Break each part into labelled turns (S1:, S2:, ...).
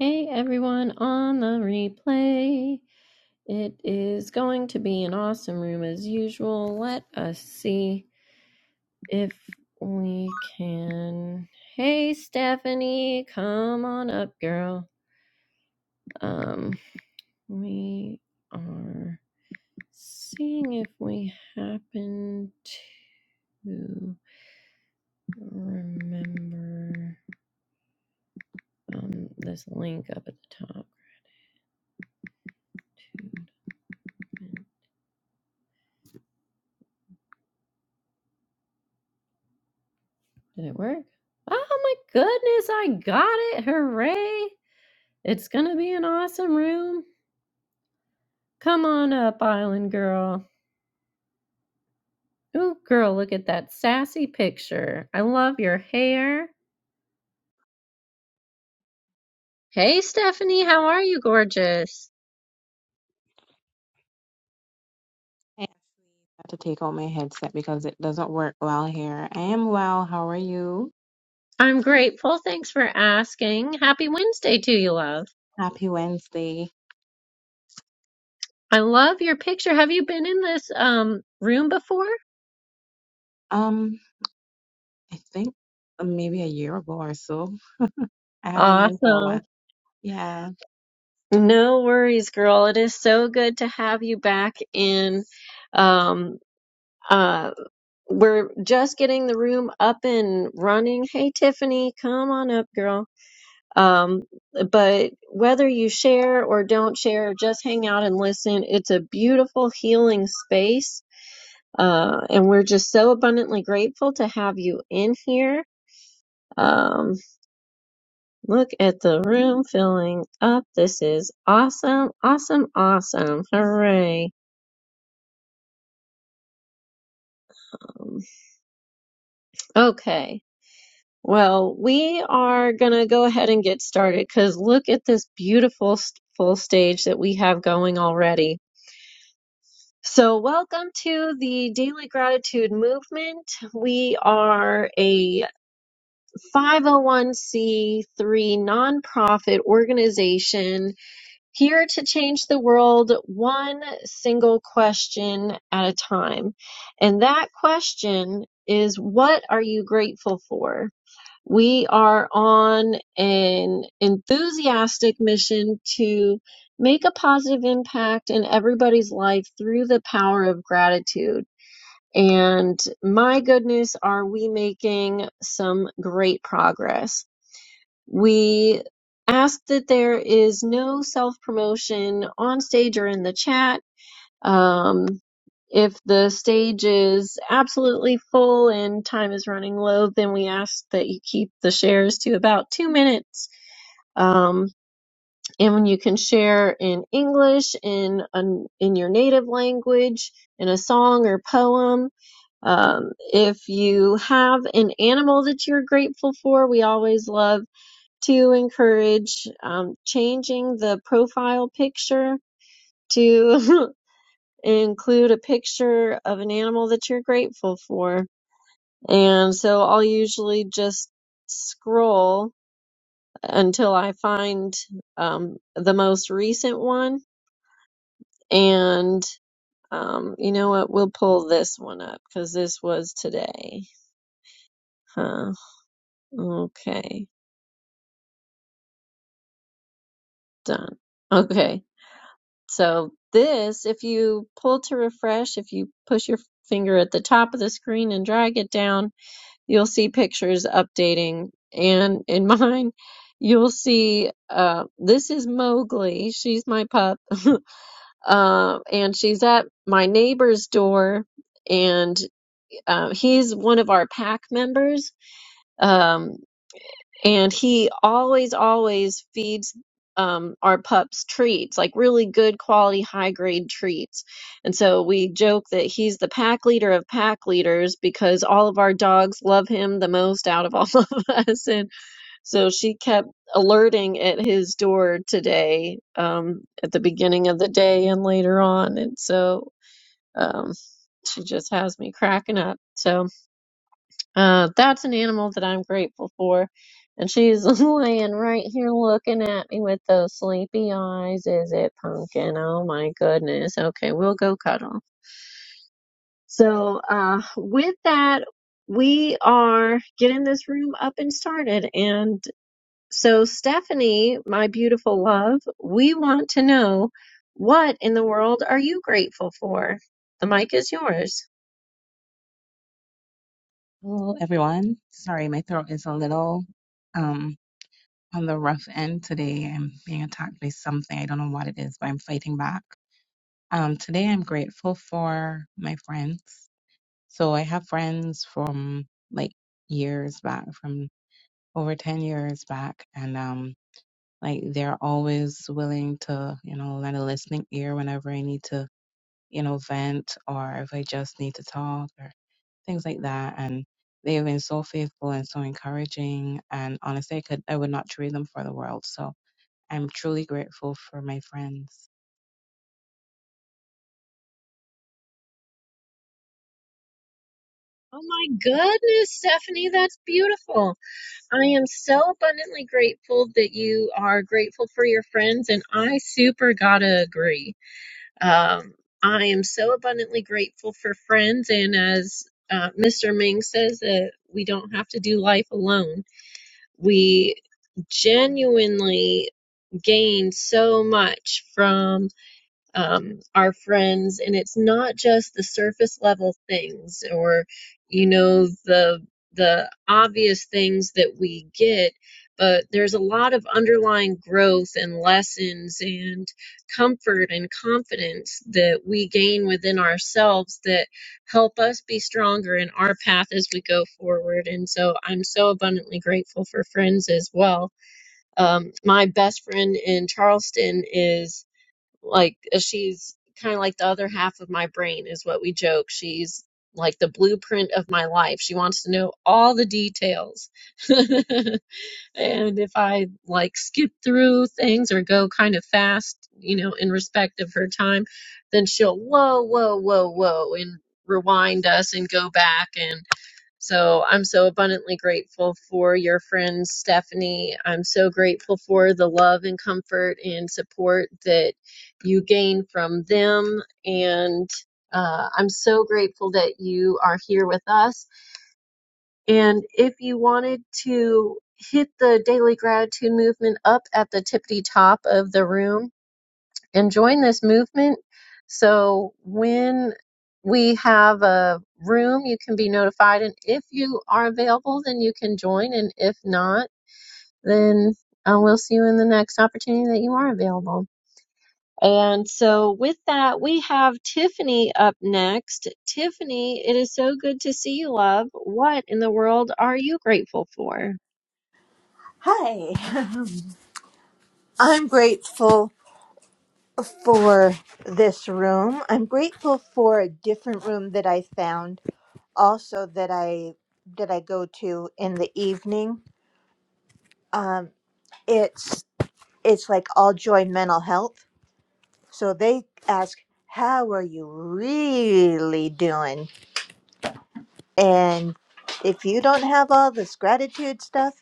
S1: Hey everyone on the replay. It is going to be an awesome room as usual. Let us see if we can. Hey Stephanie, come on up, girl. Um, we are seeing if we happen to remember um this link up at the top. Did it work? Oh my goodness, I got it. Hooray. It's going to be an awesome room. Come on up, Island Girl. Ooh, girl, look at that sassy picture. I love your hair. Hey, Stephanie,
S2: And
S1: how are you, gorgeous?
S2: I have to take out my headset because it doesn't work well here. I am well. How are you?
S1: I'm grateful. Thanks for asking. Happy Wednesday to you, love.
S2: Happy Wednesday.
S1: I love your picture. Have you been in this um room before?
S2: Um, I think maybe a year ago or so. I haven't been for a
S1: Awesome.
S2: while. Yeah.
S1: No worries, girl. It is so good to have you back in. Um, Uh, we're just getting the room up and running. Hey, Tiffany, come on up, girl. Um, but whether you share or don't share, just hang out and listen. It's a beautiful healing space. Uh, and we're just so abundantly grateful to have you in here. Um, look at the room filling up. This is awesome, awesome, awesome. Hooray. Um, Okay. Well, we are going to go ahead and get started because look at this beautiful s- full stage that we have going already. So, welcome to the Daily Gratitude Movement. We are a 501c3 nonprofit organization here to change the world one single question at a time. And that question is what are you grateful for? We are on an enthusiastic mission to make a positive impact in everybody's life through the power of gratitude. And my goodness, are we making some great progress? We ask that there is no self promotion on stage or in the chat um, if the stage is absolutely full and time is running low, then we ask that you keep the shares to about two minutes. Um, and when you can share in English, in an in your native language, in a song or poem. Um, if you have an animal that you're grateful for, we always love to encourage um, changing the profile picture to include a picture of an animal that you're grateful for. And so I'll usually just scroll until I find um, the most recent one. And um, you know what? We'll pull this one up because this was today. Huh. Okay. Done. Okay. So this, if you pull to refresh, if you push your finger at the top of the screen and drag it down, you'll see pictures updating. And in mine, you'll see uh, this is Mowgli. She's my pup. uh, and she's at my neighbor's door. And uh, he's one of our pack members. Um, and he always always feeds um our pups treats like really good quality high grade treats and so we joke that he's the pack leader of pack leaders because all of our dogs love him the most out of all of us and so she kept alerting at his door today um at the beginning of the day and later on and so um she just has me cracking up So. Uh, that's an animal that I'm grateful for. And she's laying right here looking at me with those sleepy eyes. Is it pumpkin? Oh my goodness. Okay, we'll go cuddle. So, uh, with that, we are getting this room up and started. And so, Stephanie, my beautiful love, we want to know what in the world are you grateful for? The mic is yours.
S2: Hello, everyone. Sorry, my throat is a little um on the rough end today. I'm being attacked by something. I don't know what it is, but I'm fighting back. Um, today I'm grateful for my friends. So I have friends from like years back from over 10 years back and um like they're always willing to you know lend a listening ear whenever i need to you know vent or if i just need to talk or things like that and they have been so faithful and so encouraging and honestly i could i would not trade them for the world so i'm truly grateful for my friends
S1: Oh my goodness, Stephanie, that's beautiful. I am so abundantly grateful that you are grateful for your friends, and I super gotta agree. Um, I am so abundantly grateful for friends, and as uh, Mr. Ming says, that we don't have to do life alone. We genuinely gain so much from um, our friends, and it's not just the surface level things or, you know, the the obvious things that we get, but there's a lot of underlying growth and lessons and comfort and confidence that we gain within ourselves that help us be stronger in our path as we go forward. And so I'm so abundantly grateful for friends as well. Um, my best friend in Charleston is like uh, she's kind of like the other half of my brain is what we joke she's like the blueprint of my life she wants to know all the details and if i like skip through things or go kind of fast you know in respect of her time then she'll whoa whoa whoa whoa and rewind us and go back and. So I'm so abundantly grateful for your friend Stephanie. I'm so grateful for the love and comfort and support that you gain from them. And uh, I'm so grateful that you are here with us. And if you wanted to hit the daily gratitude movement up at the tippity top of the room, and join this movement. So when we have a room, you can be notified. And if you are available, then you can join. And if not, then uh, we'll see you in the next opportunity that you are available. And so with that, we have Tiffany up next. Tiffany, it is so good to see you, love. What in the world are you grateful for?
S3: Hi. I'm grateful for this room. I'm grateful for a different room that I found also that I that I go to in the evening. Um it's it's like all joy mental health. So they ask how are you really doing? And if you don't have all this gratitude stuff,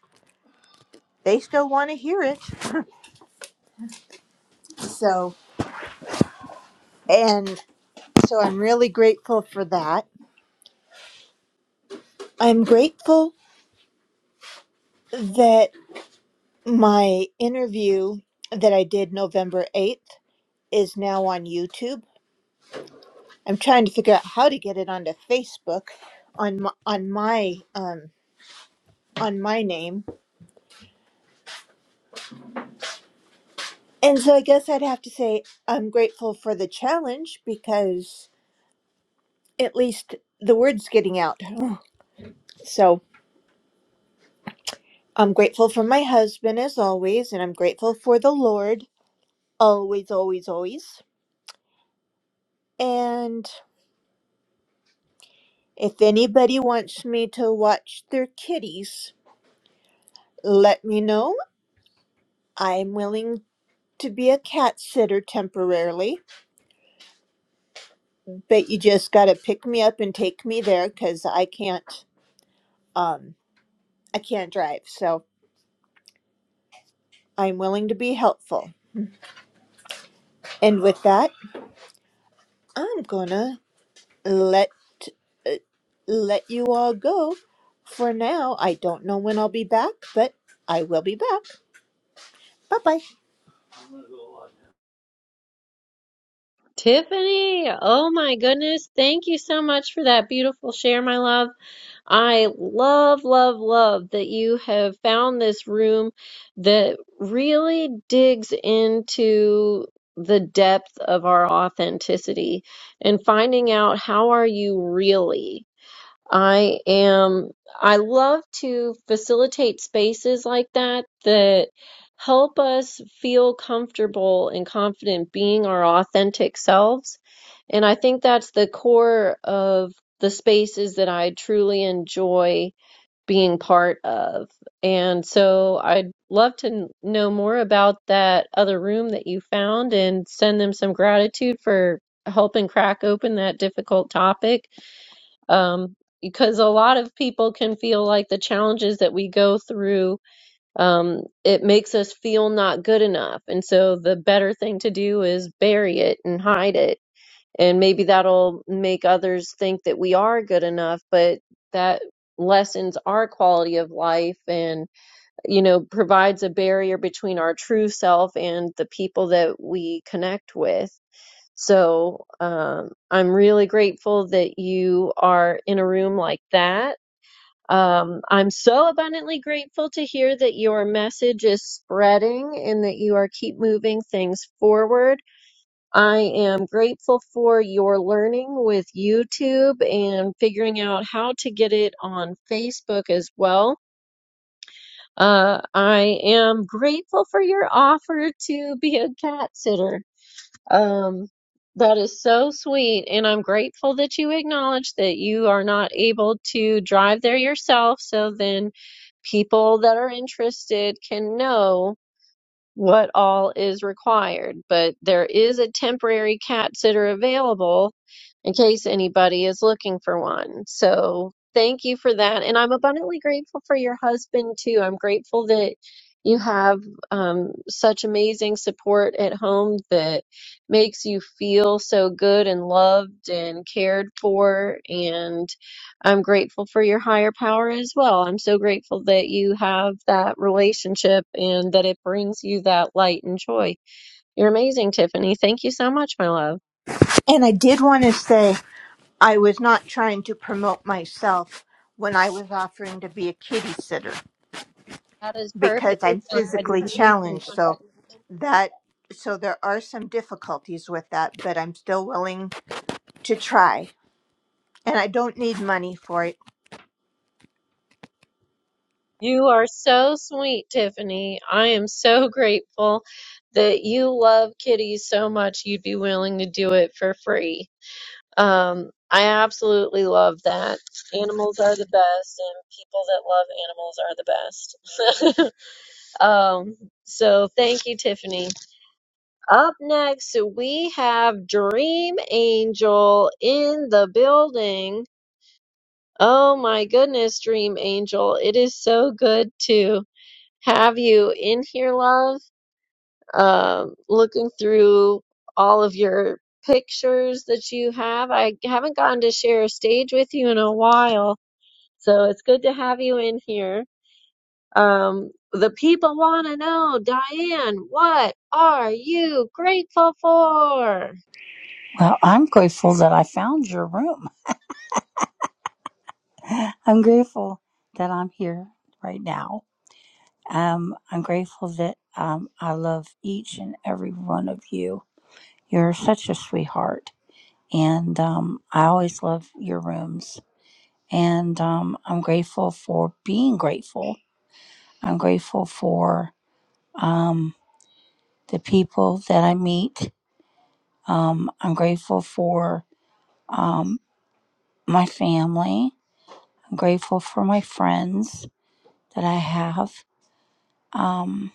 S3: they still want to hear it. So and so I'm really grateful for that. I'm grateful that my interview that I did November 8th is now on YouTube. I'm trying to figure out how to get it onto Facebook on my, on my um on my name. And so I guess I'd have to say I'm grateful for the challenge because at least the word's getting out. So I'm grateful for my husband as always and I'm grateful for the Lord always always always. and. If anybody wants me to watch their kitties, let me know. I'm willing to be a cat sitter temporarily, but you just got to pick me up and take me there cuz I can't um I can't drive. So, I'm willing to be helpful. And with that, I'm going to let uh, let you all go for now. I don't know when I'll be back, but I will be back. Bye-bye.
S1: Tiffany, oh my goodness, thank you so much for that beautiful share, my love. I love, love, love that you have found this room that really digs into the depth of our authenticity and finding out how are you really? I am, I love to facilitate spaces like that that help us feel comfortable and confident being our authentic selves. And I think that's the core of the spaces that I truly enjoy being part of. And so I'd love to n- know more about that other room that you found and send them some gratitude for helping crack open that difficult topic um, because a lot of people can feel like the challenges that we go through um, it makes us feel not good enough and so the better thing to do is bury it and hide it and maybe that'll make others think that we are good enough but that lessens our quality of life and you know provides a barrier between our true self and the people that we connect with so um, I'm really grateful that you are in a room like that. Um, I'm so abundantly grateful to hear that your message is spreading and that you are keep moving things forward. I am grateful for your learning with YouTube and figuring out how to get it on Facebook as well. Uh, I am grateful for your offer to be a cat sitter. Um, that is so sweet, and I'm grateful that you acknowledge that you are not able to drive there yourself, so then people that are interested can know what all is required, but there is a temporary cat sitter available in case anybody is looking for one. So thank you for that. And I'm abundantly grateful for your husband too. I'm grateful that you have um, such amazing support at home that makes you feel so good and loved and cared for. and. I'm grateful for your higher power as well. I'm so grateful that you have that relationship and that it brings you that light and joy. You're amazing, Tiffany. Thank you so much, my love.
S3: And I did want to say I was not trying to promote myself when I was offering to be a kitty sitter
S1: That is
S3: because
S1: perfectly
S3: I'm
S1: fine. I
S3: physically
S1: didn't mean to do
S3: challenged.
S1: that.
S3: So that so there are some difficulties with that, but I'm still willing to try. And I don't need money for it.
S1: You are so sweet, Tiffany. I am so grateful that you love kitties so much you'd be willing to do it for free. Um, I absolutely love that. Animals are the best, and people that love animals are the best. Um, so thank you, Tiffany. Up next, we have Dream Angel in the building. Oh my goodness, Dream Angel. It is so good to have you in here, love. Um, looking through all of your pictures that you have. I haven't gotten to share a stage with you in a while, so it's good to have you in here. Um, the people want to know, Diane, what are you grateful for?
S4: Well, I'm grateful that I found your room. I'm grateful that I'm here right now. Um, I'm grateful that um, I love each and every one of you. You're such a sweetheart, and um, I always love your rooms. And um, I'm grateful for being grateful. I'm grateful for um, the people that I meet. Um, I'm grateful for um, my family. I'm grateful for my friends. that I have. Um,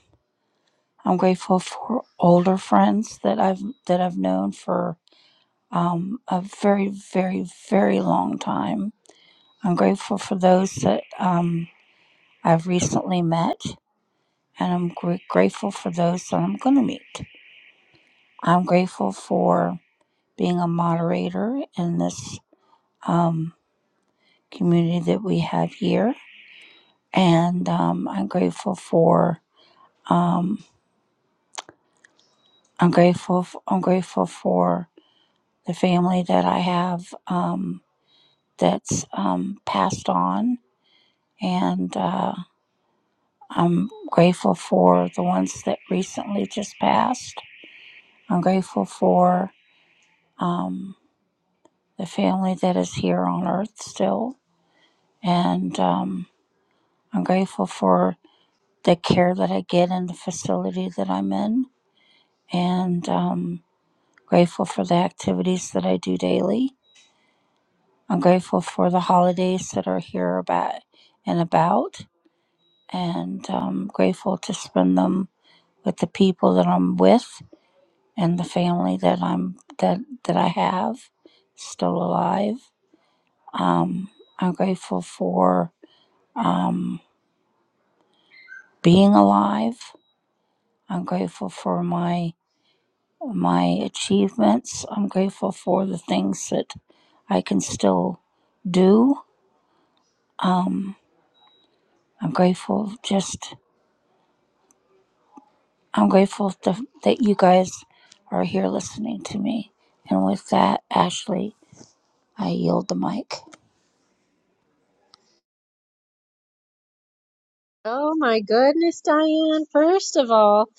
S4: I'm grateful for older friends that I've that I've known for um, a very, very, very long time. I'm grateful for those that um, I've recently met, and I'm gr- grateful for those that I'm going to meet. I'm grateful for being a moderator in this um, community that we have here, and um, I'm grateful for um, I'm grateful f- I'm grateful for the family that I have um, that's um, passed on. And uh, I'm grateful for the ones that recently just passed. I'm grateful for um, the family that is here on earth still. And um, I'm grateful for the care that I get in the facility that I'm in. And um, grateful for the activities that I do daily. I'm grateful for the holidays that are here about and about and I'm grateful to spend them with the people that I'm with and the family that I'm that that I have still alive. Um, I'm grateful for um, being alive. I'm grateful for my my achievements. I'm grateful for the things that I can still do. Um, I'm grateful just I'm grateful to, that you guys are here listening to me. And with that, Ashley, I yield the mic.
S1: Oh my goodness, Diane. First of all,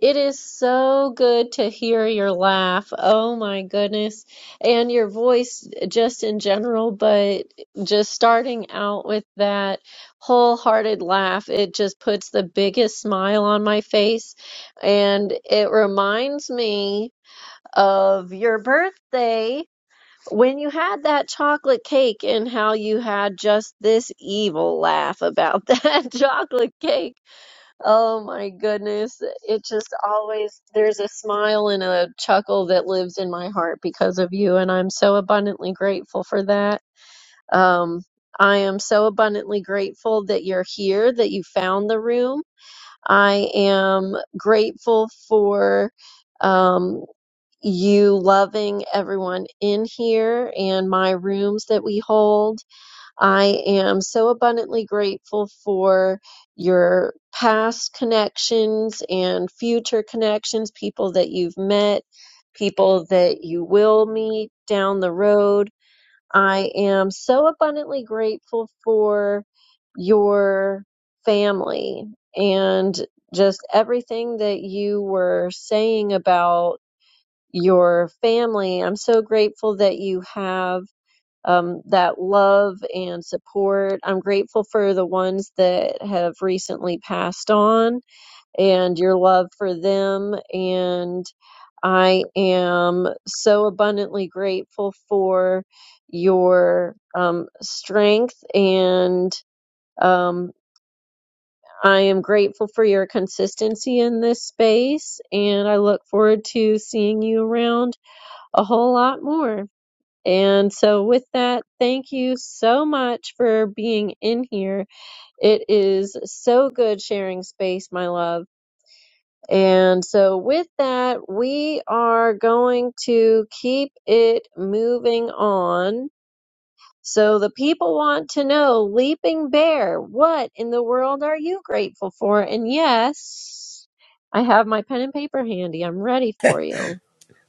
S1: it is so good to hear your laugh. Oh my goodness. And your voice just in general, but just starting out with that wholehearted laugh, it just puts the biggest smile on my face. And it reminds me of your birthday when you had that chocolate cake and how you had just this evil laugh about that chocolate cake. Oh my goodness. It just always, there's a smile and a chuckle that lives in my heart because of you. And I'm so abundantly grateful for that. Um, I am so abundantly grateful that you're here, that you found the room. I am grateful for. um, you loving everyone in here and my rooms that we hold. I am so abundantly grateful for your past connections and future connections, people that you've met, people that you will meet down the road. I am so abundantly grateful for your family and just everything that you were saying about your family. I'm so grateful that you have um, that love and support. I'm grateful for the ones that have recently passed on and your love for them. And I am so abundantly grateful for your um, strength and um, I am grateful for your consistency in this space, and I look forward to seeing you around a whole lot more. And so, with that, thank you so much for being in here. It is so good sharing space, my love. And so, with that, we are going to keep it moving on. So, the people want to know Leaping Bear, what in the world are you grateful for? And yes, I have my pen and paper handy. I'm ready for you.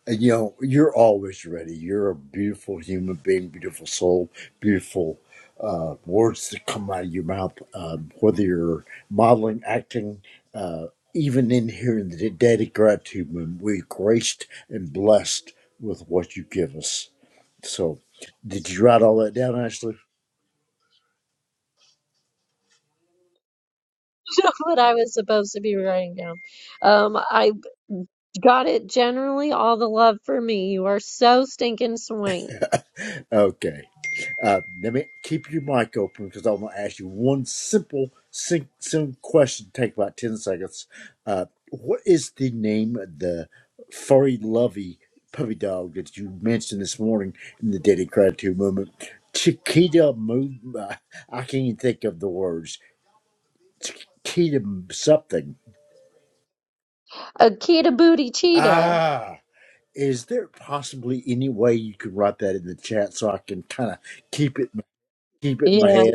S5: you know, you're always ready. You're a beautiful human being, beautiful soul, beautiful uh, words that come out of your mouth, um, whether you're modeling, acting, uh, even in here in the Daily Gratitude Movement, we're graced and blessed with what you give us. So, did you write all that down, Ashley?
S1: what I was supposed to be writing down. Um, I Got it. Generally, all the love for me. You are so stinking sweet.
S5: Okay. Uh, let me keep your mic open because I want to ask you one simple, sim- simple question. Take about ten seconds. Uh, what is the name of the furry, lovey puppy dog that you mentioned this morning in the Daily Gratitude Movement? Chiquita Mo- uh, I can't even think of the words. Chiquita something.
S1: Akita Booty Cheetah.
S5: Ah. Is there possibly any way you could write that in the chat so I can kind of keep it keep it in my
S1: Yeah.
S5: head?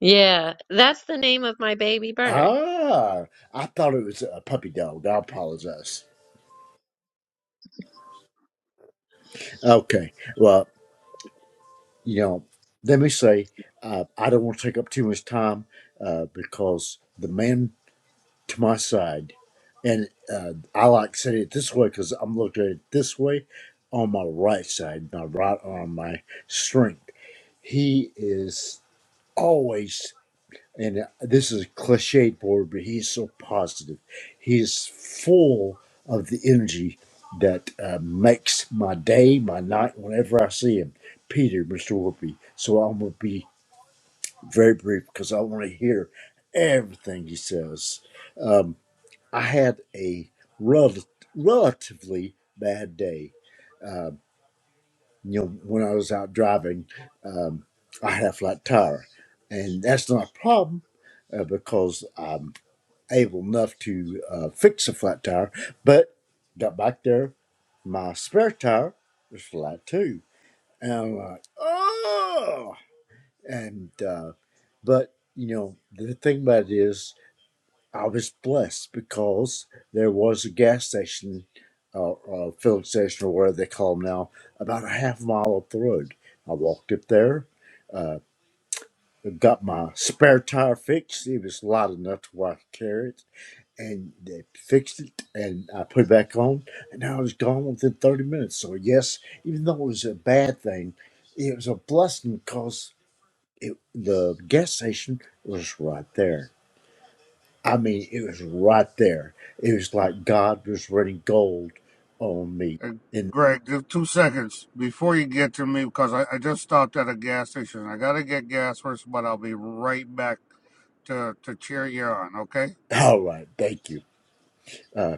S1: Yeah. That's the name of my baby bird.
S5: Ah, I thought it was a puppy dog. I apologize. Okay, well, you know, let me say uh, I don't want to take up too much time uh, because the man to my side, and uh, I like saying it this way because I'm looking at it this way on my right side, my right arm, my strength. He is always. and uh, this is a cliched board, but he's so positive. He's full of the energy that uh, makes my day, my night, whenever I see him. Peter, Mr. Whoopi. So I'm going to be very brief because I want to hear everything he says. Um, I had a rel- relatively bad day. Um, you know, when I was out driving, um, I had a flat tire, and that's not a problem uh, because i able enough to uh, fix a flat tire, but got back there. My spare tire was flat too. And I'm like, oh! And, uh, but, you know, the thing about it is, I was blessed because there was a gas station or uh, or filling station or whatever they call them now about a half mile up the road. I walked up there, got my spare tire fixed. It was light enough to where I could carry it and they fixed it and I put it back on and I was gone within 30 minutes. So yes, even though it was a bad thing, it was a blessing because it, the gas station was right there. I mean, it was right there. It was like God was raining gold on me.
S6: And
S5: And
S6: Greg, just two seconds before you get to me because I, I just stopped at a gas station. I gotta get gas first, but I'll be right back to to cheer you on. Okay?
S5: all right, thank you. Uh,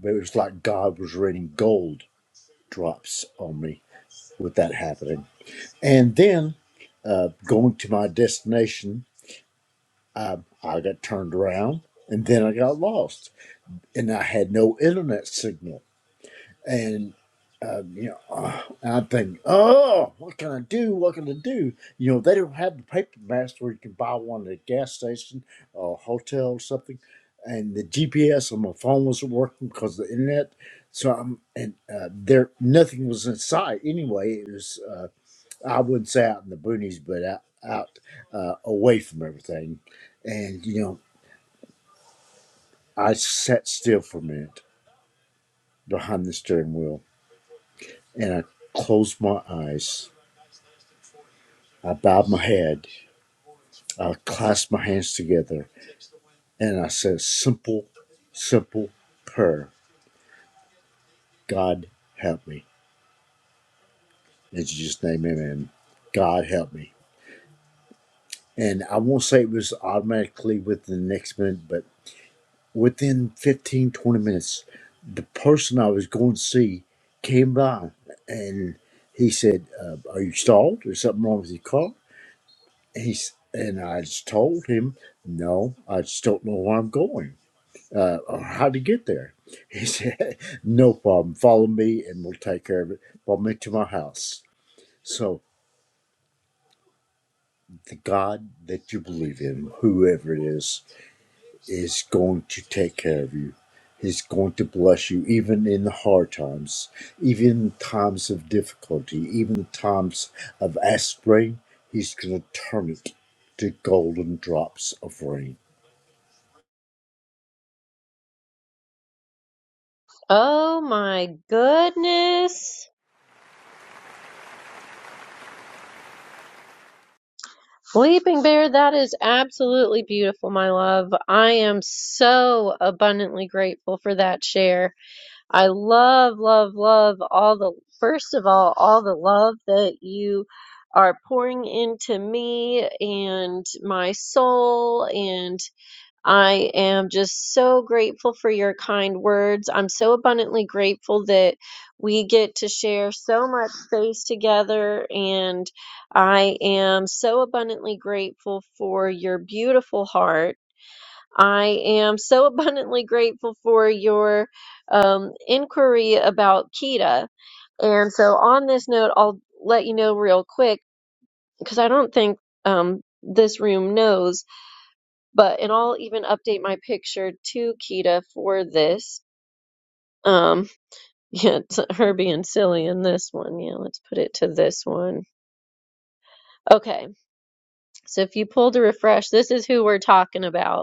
S5: but it was like God was raining gold drops on me with that happening. And then uh, going to my destination I, I got turned around and then I got lost and I had no internet signal. And, uh, you know, uh, and I'm thinking, oh, what can I do? What can I do? You know, they don't have the paper maps where you can buy one at a gas station or hotel or something. And the GPS on my phone wasn't working because of the internet. So I'm, and uh, there, nothing was in sight anyway. It was, uh, I wouldn't say out in the boonies, but out, out uh, away from everything and you know. I sat still for a minute behind the steering wheel and I closed my eyes. I bowed my head. I clasped my hands together and I said, a simple, simple prayer God help me. In Jesus' name, amen. God help me. And I won't say it was automatically within the next minute, but within 15, 20 minutes, the person I was going to see came by and he said, uh, Are you stalled? Is something wrong with your car? he's and I just told him, no, I just don't know where I'm going uh, or how to get there. He said, no problem. Follow me, and we'll take care of it. Follow me to my house. So the God that you believe in, whoever it is, is going to take care of you. He's going to bless you, even in the hard times, even in times of difficulty, even in times of aspirin. He's going to turn it to golden drops of rain
S1: Oh my goodness. Sleeping Bear, that is absolutely beautiful, my love. I am so abundantly grateful for that share. I love, love, love all the, first of all, all the love that you are pouring into me and my soul. And I am just so grateful for your kind words. I'm so abundantly grateful that we get to share so much space together. And I am so abundantly grateful for your beautiful heart I am so abundantly grateful for your um, inquiry about Kita. And so, on this note, I'll let you know real quick because I don't think um, this room knows, but and I'll even update my picture to Kita for this. Um, yeah, it's her being silly in this one. Yeah, let's put it to this one. Okay, so if you pull to refresh, this is who we're talking about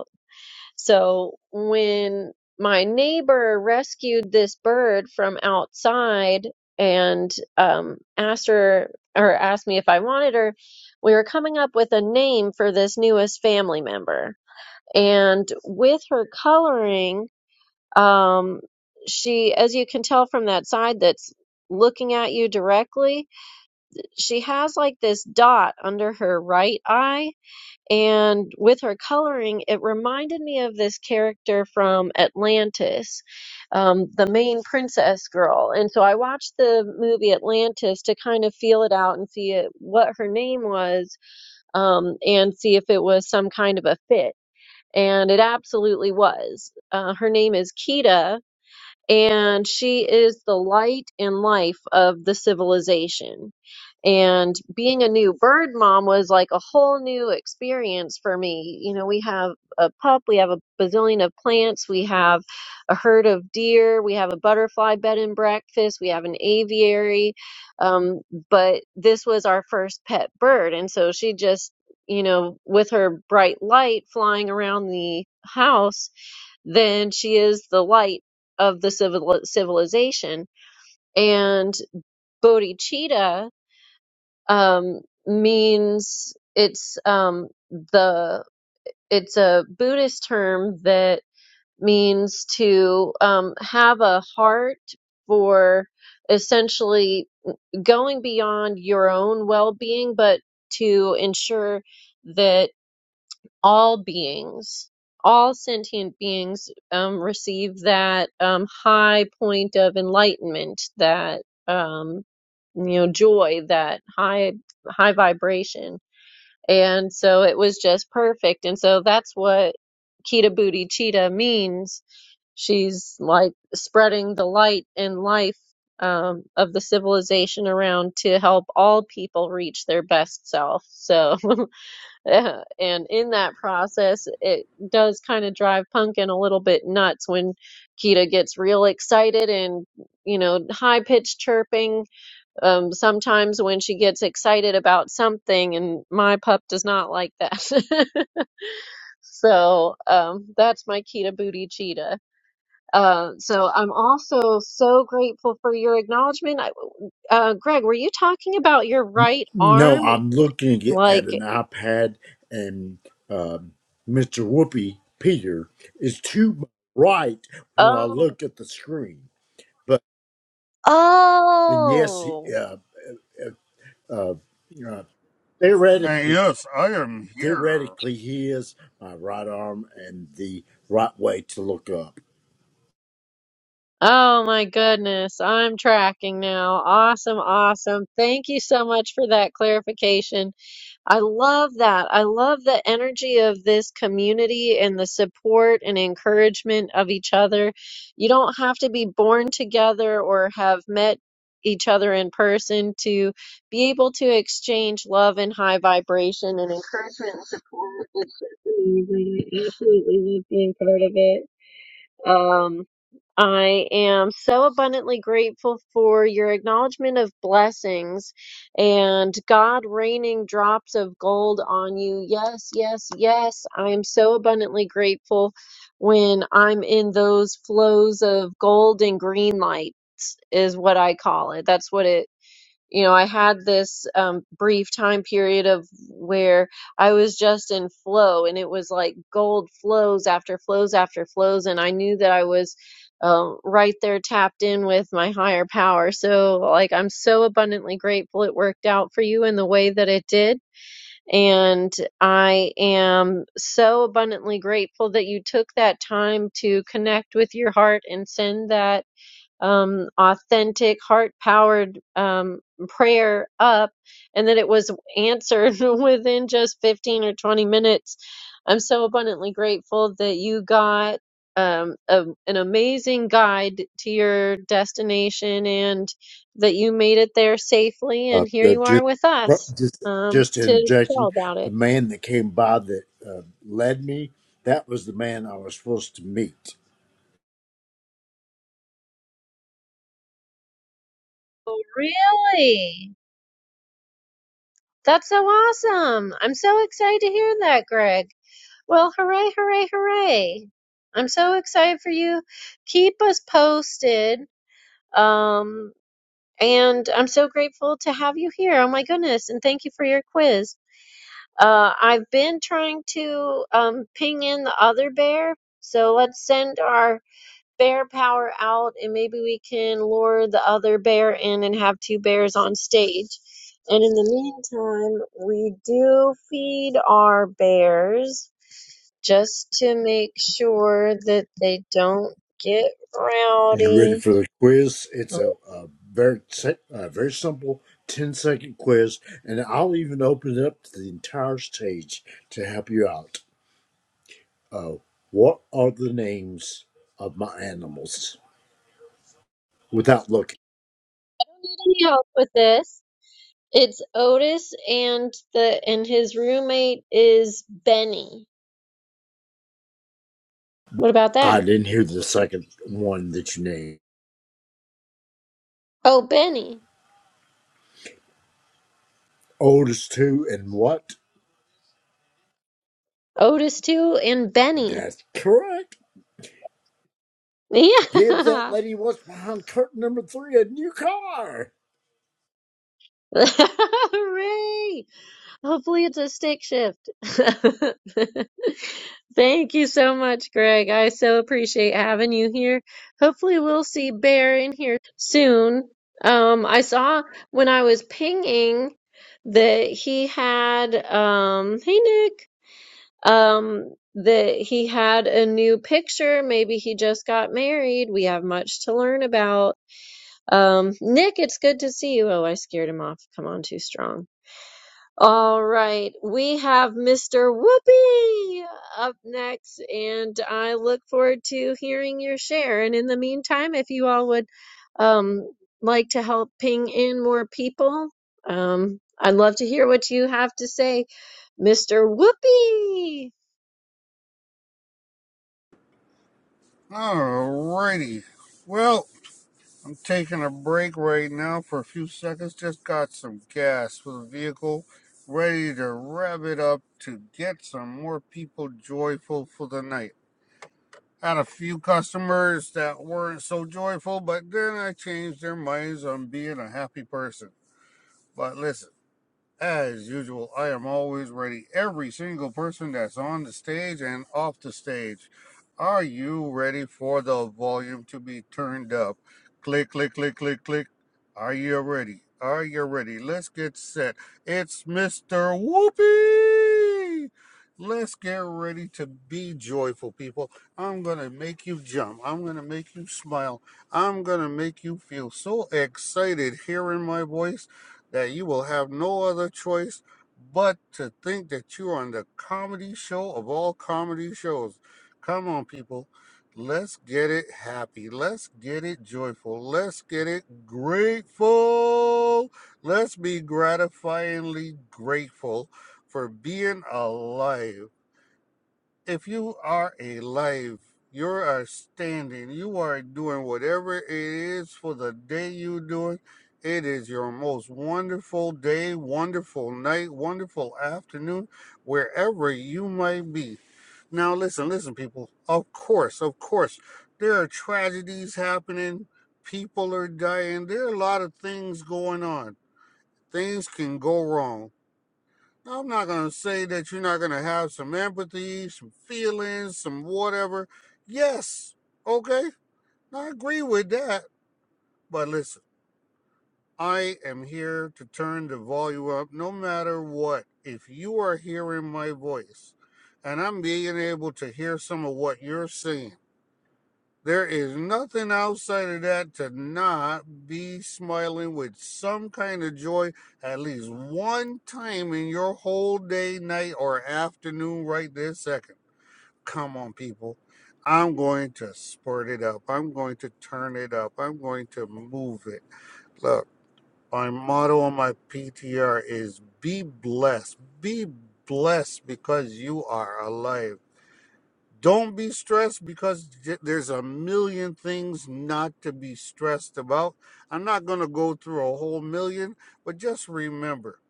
S1: So when my neighbor rescued this bird from outside and um, asked her or asked me if I wanted her, we were coming up with a name for this newest family member. And with her coloring, um, she, as you can tell from that side that's looking at you directly, she has like this dot under her right eye and with her coloring, it reminded me of this character from Atlantis, um, the main princess girl. And so I watched the movie Atlantis to kind of feel it out and see it, what her name was um, and see if it was some kind of a fit. And it absolutely was. Uh, her name is Kida and she is the light and life of the civilization. And being a new bird mom was like a whole new experience for me. You know, we have a pup, we have a bazillion of plants, we have a herd of deer, we have a butterfly bed and breakfast, we have an aviary. Um, but this was our first pet bird. And so she just, you know, with her bright light flying around the house then she is the light of the civil civilization. And bodhicitta um, means it's um, the it's a Buddhist term that means to um, have a heart for essentially going beyond your own well being, but to ensure that all beings, all sentient beings um, receive that um, high point of enlightenment, that um, you know joy, that high high vibration, and so it was just perfect. And so that's what Kita Booty Cheetah means. She's like spreading the light and life. Um, of the civilization around to help all people reach their best self. So, Uh, and in that process, it does kind of drive Pumpkin a little bit nuts when Kita gets real excited and, you know, high pitched chirping. Um, sometimes when she gets excited about something, and my pup does not like that. so um, that's my Kita booty cheetah. Uh, so I'm also so grateful for your acknowledgement. I, uh, Greg, were you talking about your right
S5: No,
S1: arm?
S5: I'm looking at
S1: Like,
S5: an iPad, and um, Mr. Whoopi Peter is too bright when I
S1: oh,
S5: look at the screen. But and yes,
S1: oh.
S5: uh, uh, uh, uh,
S6: And
S5: theoretically,
S6: yes, I am here.
S5: theoretically, he is my right arm and the right way to look up.
S1: Oh my goodness, I'm tracking now. Awesome, awesome. Thank you so much for that clarification. I love that. I love the energy of this community and the support and encouragement of each other. You don't have to be born together or have met each other in person to be able to exchange love and high vibration and encouragement and support. It's just amazing. I absolutely love being part of it. Um, I am so abundantly grateful for your acknowledgement of blessings and God raining drops of gold on you. Yes, yes, yes. I am so abundantly grateful when I'm in those flows of gold and green lights, is what I call it. That's what it you know, I had this um, brief time period of where I was just in flow, and it was like gold flows after flows after flows, and I knew that I was um, right there tapped in with my higher power. So, like, I'm so abundantly grateful it worked out for you in the way that it did. And I am so abundantly grateful that you took that time to connect with your heart and send that um, authentic, heart powered um, prayer up, and that it was answered within just 15 or 20 minutes. I'm so abundantly grateful that you got um, a, an amazing guide to your destination and that you made it there safely.
S5: Uh,
S1: And here
S5: uh,
S1: you are
S5: just,
S1: with us
S5: just,
S1: um,
S5: just
S1: to tell
S5: interjecting.
S1: about
S5: The
S1: it.
S5: man that came by that uh, led me, that was the man I was supposed to meet.
S1: Oh, really? That's so awesome. I'm so excited to hear that, Greg. Well, hooray, hooray, hooray. I'm so excited for you. Keep us posted. Um, and I'm so grateful to have you here. Oh my goodness. And thank you for your quiz. Uh, I've been trying to um, ping in the other bear. So let's send our bear power out and maybe we can lure the other bear in and have two bears on stage. And in the meantime, we do feed our bears just to make sure that they don't get
S5: You ready
S1: rowdy.
S5: for the quiz?
S1: I
S5: It's a,
S1: don't
S5: a very si- a very simple 10 second quiz, and I'll even open it up to the entire stage to help you out. Uh, what are the names of my animals? Without looking,
S1: need any help with this. It's Otis and the and his roommate is Benny. What about
S5: I
S1: that?
S5: didn't hear the second one that you named.
S1: Oh, Benny.
S5: Oldest two and what?
S1: Otis too and Benny.
S5: That's correct. Give
S1: Yeah.
S5: that lady what's behind curtain number three a new car.
S1: Hooray! Hopefully it's a stick shift. Thank you so much, Greg. I so appreciate having you here. Hopefully we'll see Bear in here soon. Um, I saw when I was pinging that he had, um, hey Nick, um, that he had a new picture. Maybe he just got married. We have much to learn about. Um, Nick, it's good to see you. Oh, I scared him off. Come on, too strong. All right, we have Mr. Whoopi up next, and I look forward to hearing your share. And in the meantime, if you all would um, like to help ping in more people, um, I'd love to hear what you have to say, Mr. Whoopi.
S6: Alrighty. Well, I'm taking a break right now for a few seconds. Just got some gas for the vehicle. Ready to rev it up to get some more people joyful for the night. Had a few customers that weren't so joyful, but then I changed their minds on being a happy person. But listen. As usual, I am always ready. Every single person that's on the stage and off the stage. Are you ready for the volume to be turned up? Click, click, click, click, click. Are you ready? Are you ready? Let's get set. It's Mr. Whoopi! Let's get ready to be joyful, people. I'm going to make you jump. I'm going to make you smile. I'm going to make you feel so excited hearing my voice that you will have no other choice but to think that you are on the comedy show of all comedy shows. Come on, people. Let's get it happy. Let's get it joyful. Let's get it grateful. Let's be gratifyingly grateful for being alive if you are alive, you are standing, you are doing whatever it is for the day you do it. It is your most wonderful day, wonderful night, wonderful afternoon, wherever you might be. Now, listen, listen, people. Of course, of course, there are tragedies happening. People are dying. There are a lot of things going on. Things can go wrong I'm not going to say that you're not going to have some empathy, some feelings, some whatever. Yes, okay, I agree with that. But listen, I am here to turn the volume up no matter what. If you are hearing my voice and I'm being able to hear some of what you're saying, there is nothing outside of that to not be smiling with some kind of joy at least one time in your whole day, night, or afternoon right this second. Come on, people. I'm going to spurt it up. I'm going to turn it up. I'm going to move it. Look, my motto on my PTR is be blessed. Be blessed because you are alive. Don't be stressed because j- there's a million things not to be stressed about. I'm not going to go through a whole million, but just remember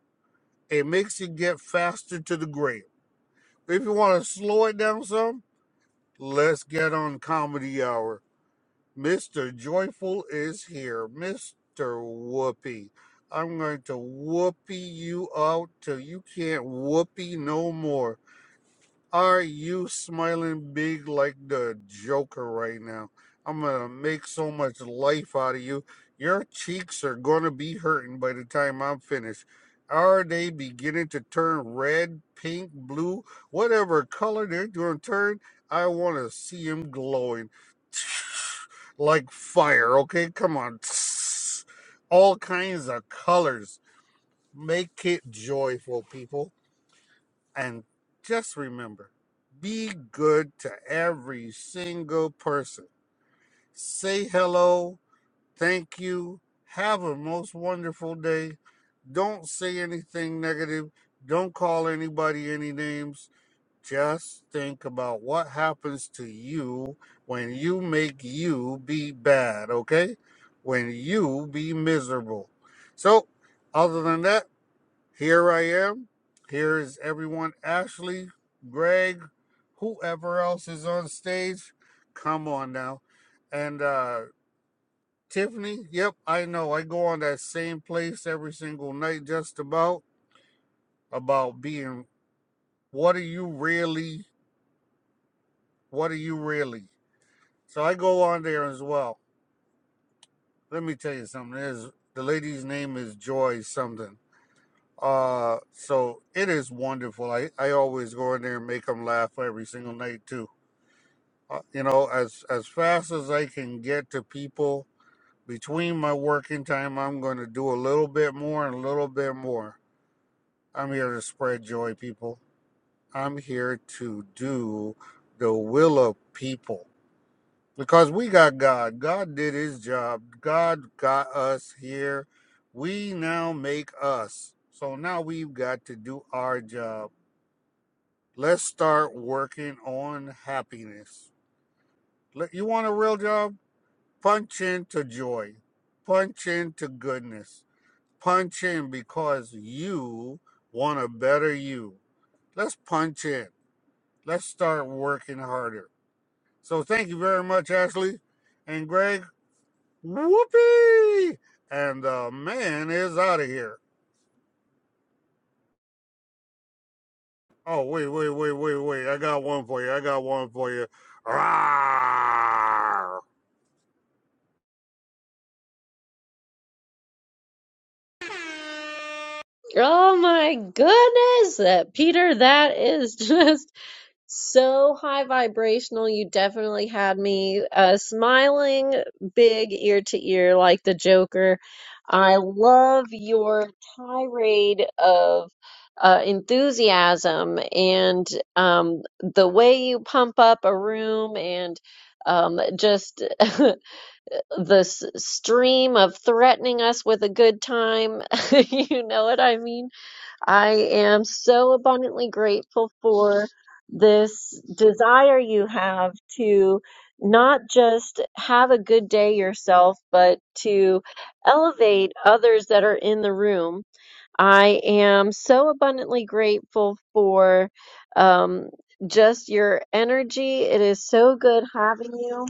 S6: it makes you get faster to the grave. If you want to slow it down some, let's get on comedy hour. Mr. Joyful is here. Mr. Whoopi. I'm going to whoopee you out till you can't whoopee no more. Are you smiling big like the Joker right now? I'm gonna make so much life out of you. Your cheeks are gonna be hurting by the time I'm finished. Are they beginning to turn red, pink, blue, whatever color they're gonna turn? I want to see them glowing like fire. Okay, come on, all kinds of colors. Make it joyful, people. And just remember be good to every single person. Say hello, thank you, have a most wonderful day. Don't say anything negative, don't call anybody any names. Just think about what happens to you when you make you be bad, okay? When you be miserable. So, other than that, here I am. Here is everyone Ashley, Greg, whoever else is on stage. Come on now. And uh, Tiffany, yep, I know. I go on that same place every single night, just about, about being what are you really? What are you really? So I go on there as well. Let me tell you something. Is the lady's name is Joy something. Uh, so it is wonderful. I, I always go in there and make them laugh every single night too. uh, you know, as as fast as I can get to people between my working time, I'm going to do a little bit more and a little bit more. I'm here to spread joy, people. I'm here to do the will of people because we got God. God did His job. God got us here. We now make us. So now we've got to do our job. Let's start working on happiness. Let- You want a real job? Punch into joy. Punch into goodness. Punch in because you want a better you. Let's punch in. Let's start working harder. So thank you very much, Ashley and Greg. Whoopee! And the man is out of here. Oh, wait, wait, wait, wait, wait. I got one for you. I got one for you. Rawr!
S1: Oh my goodness, uh, Peter, that is just. so high vibrational. You definitely had me uh, smiling big ear to ear like the Joker. I love your tirade of uh, enthusiasm and um, the way you pump up a room and um, just this stream of threatening us with a good time. You know what I mean? I am so abundantly grateful for this desire you have to not just have a good day yourself, but to elevate others that are in the room. I am so abundantly grateful for um, just your energy. It is so good having you.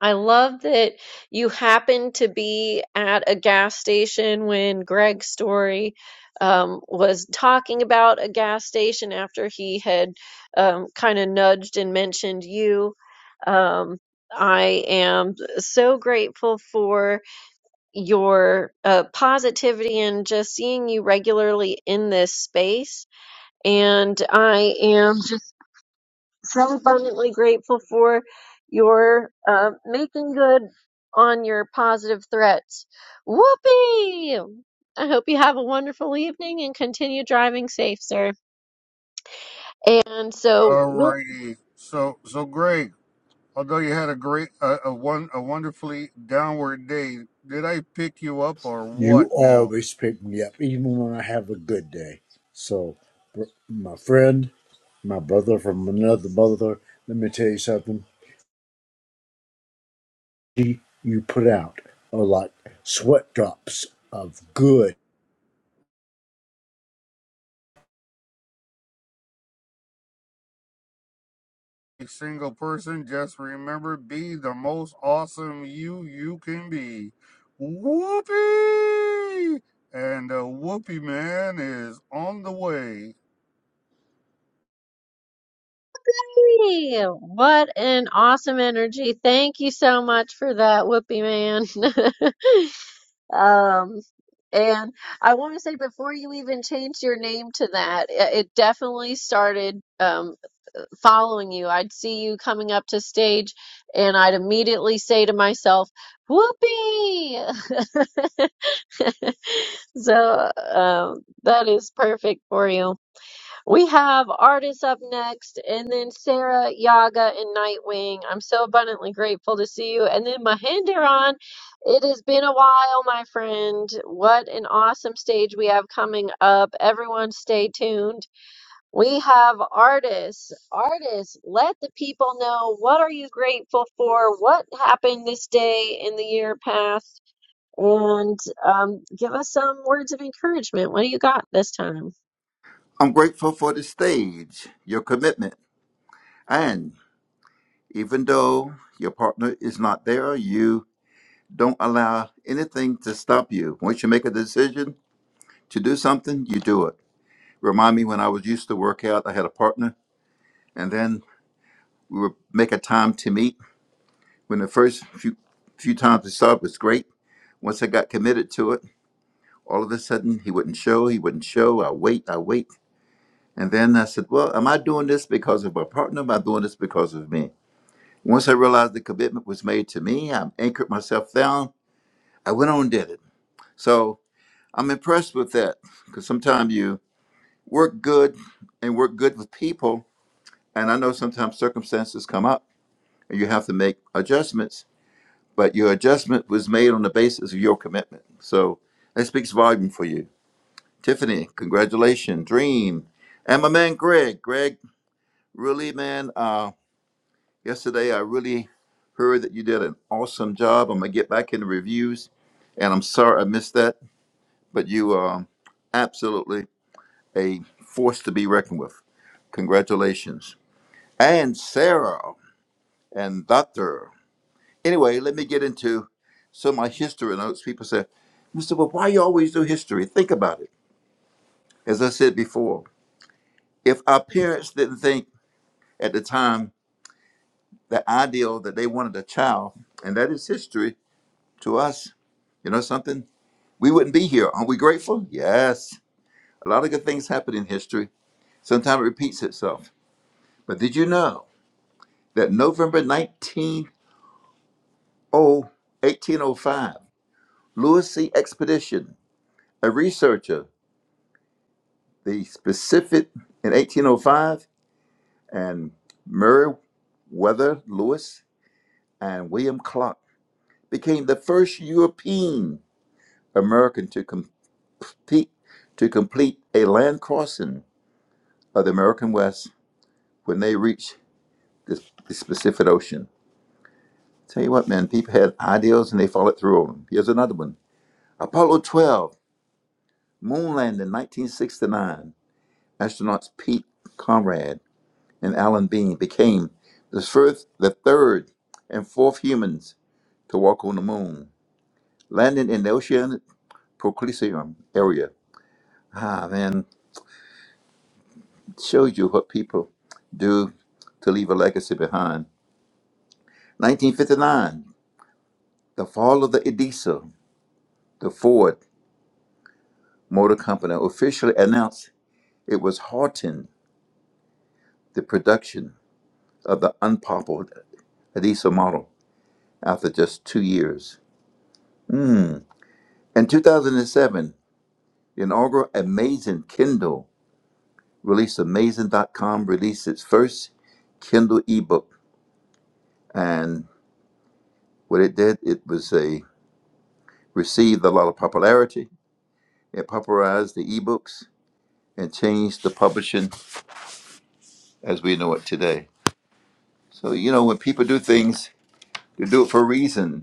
S1: I love that you happened to be at a gas station when Greg's story um, was talking about a gas station after he had um, kind of nudged and mentioned you. Um, I am so grateful for your uh, positivity and just seeing you regularly in this space. And I am so abundantly grateful for your uh, making good on your positive threats. Whoopee! I hope you have a wonderful evening and continue driving safe, sir. And so, whoopee!
S6: Alrighty. So, so Greg. Although you had a great, uh, a one, a wonderfully downward day, did I pick you up or what?
S5: You
S6: Now,
S5: always pick me up, even when I have a good day. So, br- my friend, my brother from another mother, let me tell you something. He- You put out are like sweat drops of good.
S6: a single person, just remember, be the most awesome you you can be. Whoopee! And a Whoopee Man is on the way.
S1: What an awesome energy. Thank you so much for that, whoopee man. um, and I want to say before you even changed your name to that, it it definitely started. um, following you. I'd see you coming up to stage, and I'd immediately say to myself, Whoopee! so um, that is perfect for you. We have artists up next, and then Sarah, Yaga, and Nightwing. I'm so abundantly grateful to see you. And then Mahinderon, it has been a while, my friend. What an awesome stage we have coming up. Everyone, stay tuned. We have artists. Artists, let the people know what are you grateful for, what happened this day in the year past, and um, give us some words of encouragement. What do you got this time?
S7: I'm grateful for the stage, your commitment, and even though your partner is not there, you don't allow anything to stop you. Once you make a decision to do something, you do it. Remind me when I was used to work out, I had a partner, and then we would make a time to meet. When the first few few times we saw it was great. Once I got committed to it, all of a sudden he wouldn't show, he wouldn't show. I wait, I wait. And then I said, Well, am I doing this because of my partner? Am I doing this because of me? Once I realized the commitment was made to me, I anchored myself down. I went on and did it. So I'm impressed with that because sometimes you work good and work good with people. And I know sometimes circumstances come up and you have to make adjustments, but your adjustment was made on the basis of your commitment. So that speaks volume for you. Tiffany, congratulations. Dream. And my man, Greg. Greg, really, man. uh, Yesterday, I really heard that you did an awesome job. I'm gonna get back in the reviews, and I'm sorry I missed that, but you are absolutely a force to be reckoned with. Congratulations. And Sarah and Doctor. Anyway, let me get into some of my history notes. People say, Mr. But why you always do history? Think about it. As I said before, if our parents didn't think at the time the ideal that they wanted a child, and that is history, to us. You know something? We wouldn't be here. Aren't we grateful? Yes. A lot of good things happen in history. Sometimes it repeats itself. But did you know that November nineteenth, eighteen oh, 1805, Lewis C. Expedition, a researcher, the Pacific in 1805, and Meriwether Lewis and William Clark became the first European American to compete to complete a land crossing of the American West when they reach this, this specific ocean. Tell you what, man, people had ideals and they followed through on them. Here's another one Apollo 12, moon landing 1969. Astronauts Pete Conrad and Alan Bean became the first, the third, and fourth humans to walk on the moon, landing in the ocean proclicium area. Ah, man, shows you what people do to leave a legacy behind. 1959, the fall of the Edessa, the Ford. Motor Company officially announced it was halting the production of the unpopular Adiso model after just two years. Mm. In 2007, the inaugural Amazon Kindle released Amazing.com released its first Kindle ebook, and what it did, it was a received a lot of popularity. It popularized the ebooks and changed the publishing as we know it today. So you know, when people do things, they do it for a reason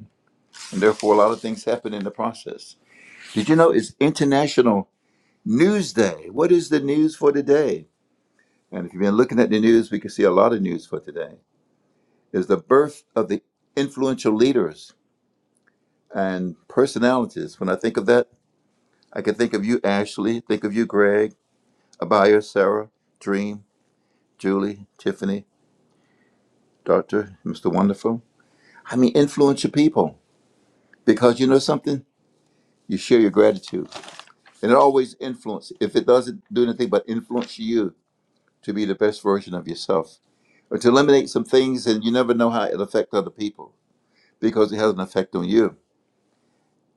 S7: and therefore a lot of things happen in the process. Did you know it's International News Day? What is the news for today? And if you've been looking at the news, we can see a lot of news for today. Is the birth of the influential leaders and personalities. When I think of that, I can think of you, Ashley, think of you, Greg, Abaya, Sarah, Dream, Julie, Tiffany, Doctor, Mr. Wonderful. I mean, influential people. Because you know something? You share your gratitude. And it always influences. If it doesn't do anything but influence you, to be the best version of yourself or to eliminate some things and you never know how it'll affect other people because it has an effect on you.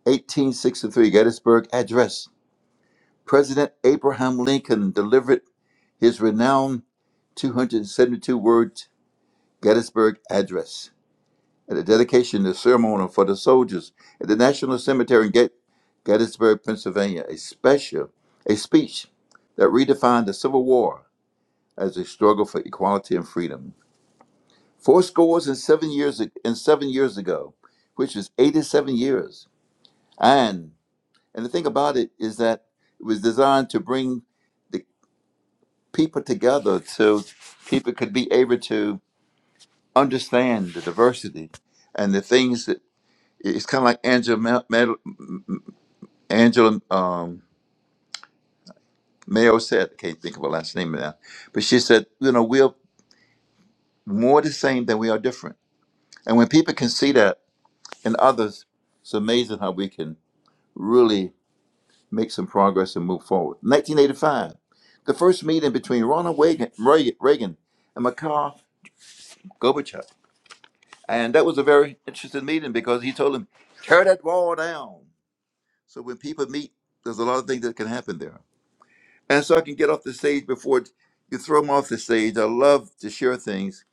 S7: 1863 Gettysburg Address. President Abraham Lincoln delivered his renowned 272 word Gettysburg Address at the dedication of the ceremony for the soldiers at the National Cemetery in Get- Gettysburg, Pennsylvania, a special, a speech that redefined the Civil War as a struggle for equality and freedom. four scores and seven years ag- and seven years ago, which is 87 years. And and the thing about it is that it was designed to bring the people together so people could be able to understand the diversity and the things that it's kind of like Angela Mel, Mel, Angela um, Mayo said. I can't think of her last name now, but she said, you know, we're more the same than we are different. And when people can see that in others, it's amazing how we can really make some progress and move forward. 1985, the first meeting between Ronald Reagan, Reagan and Mikhail Gorbachev. And that was a very interesting meeting because he told him, tear that wall down. So when people meet, there's a lot of things that can happen there. And so I can get off the stage before it- you throw them off the stage. I love to share things.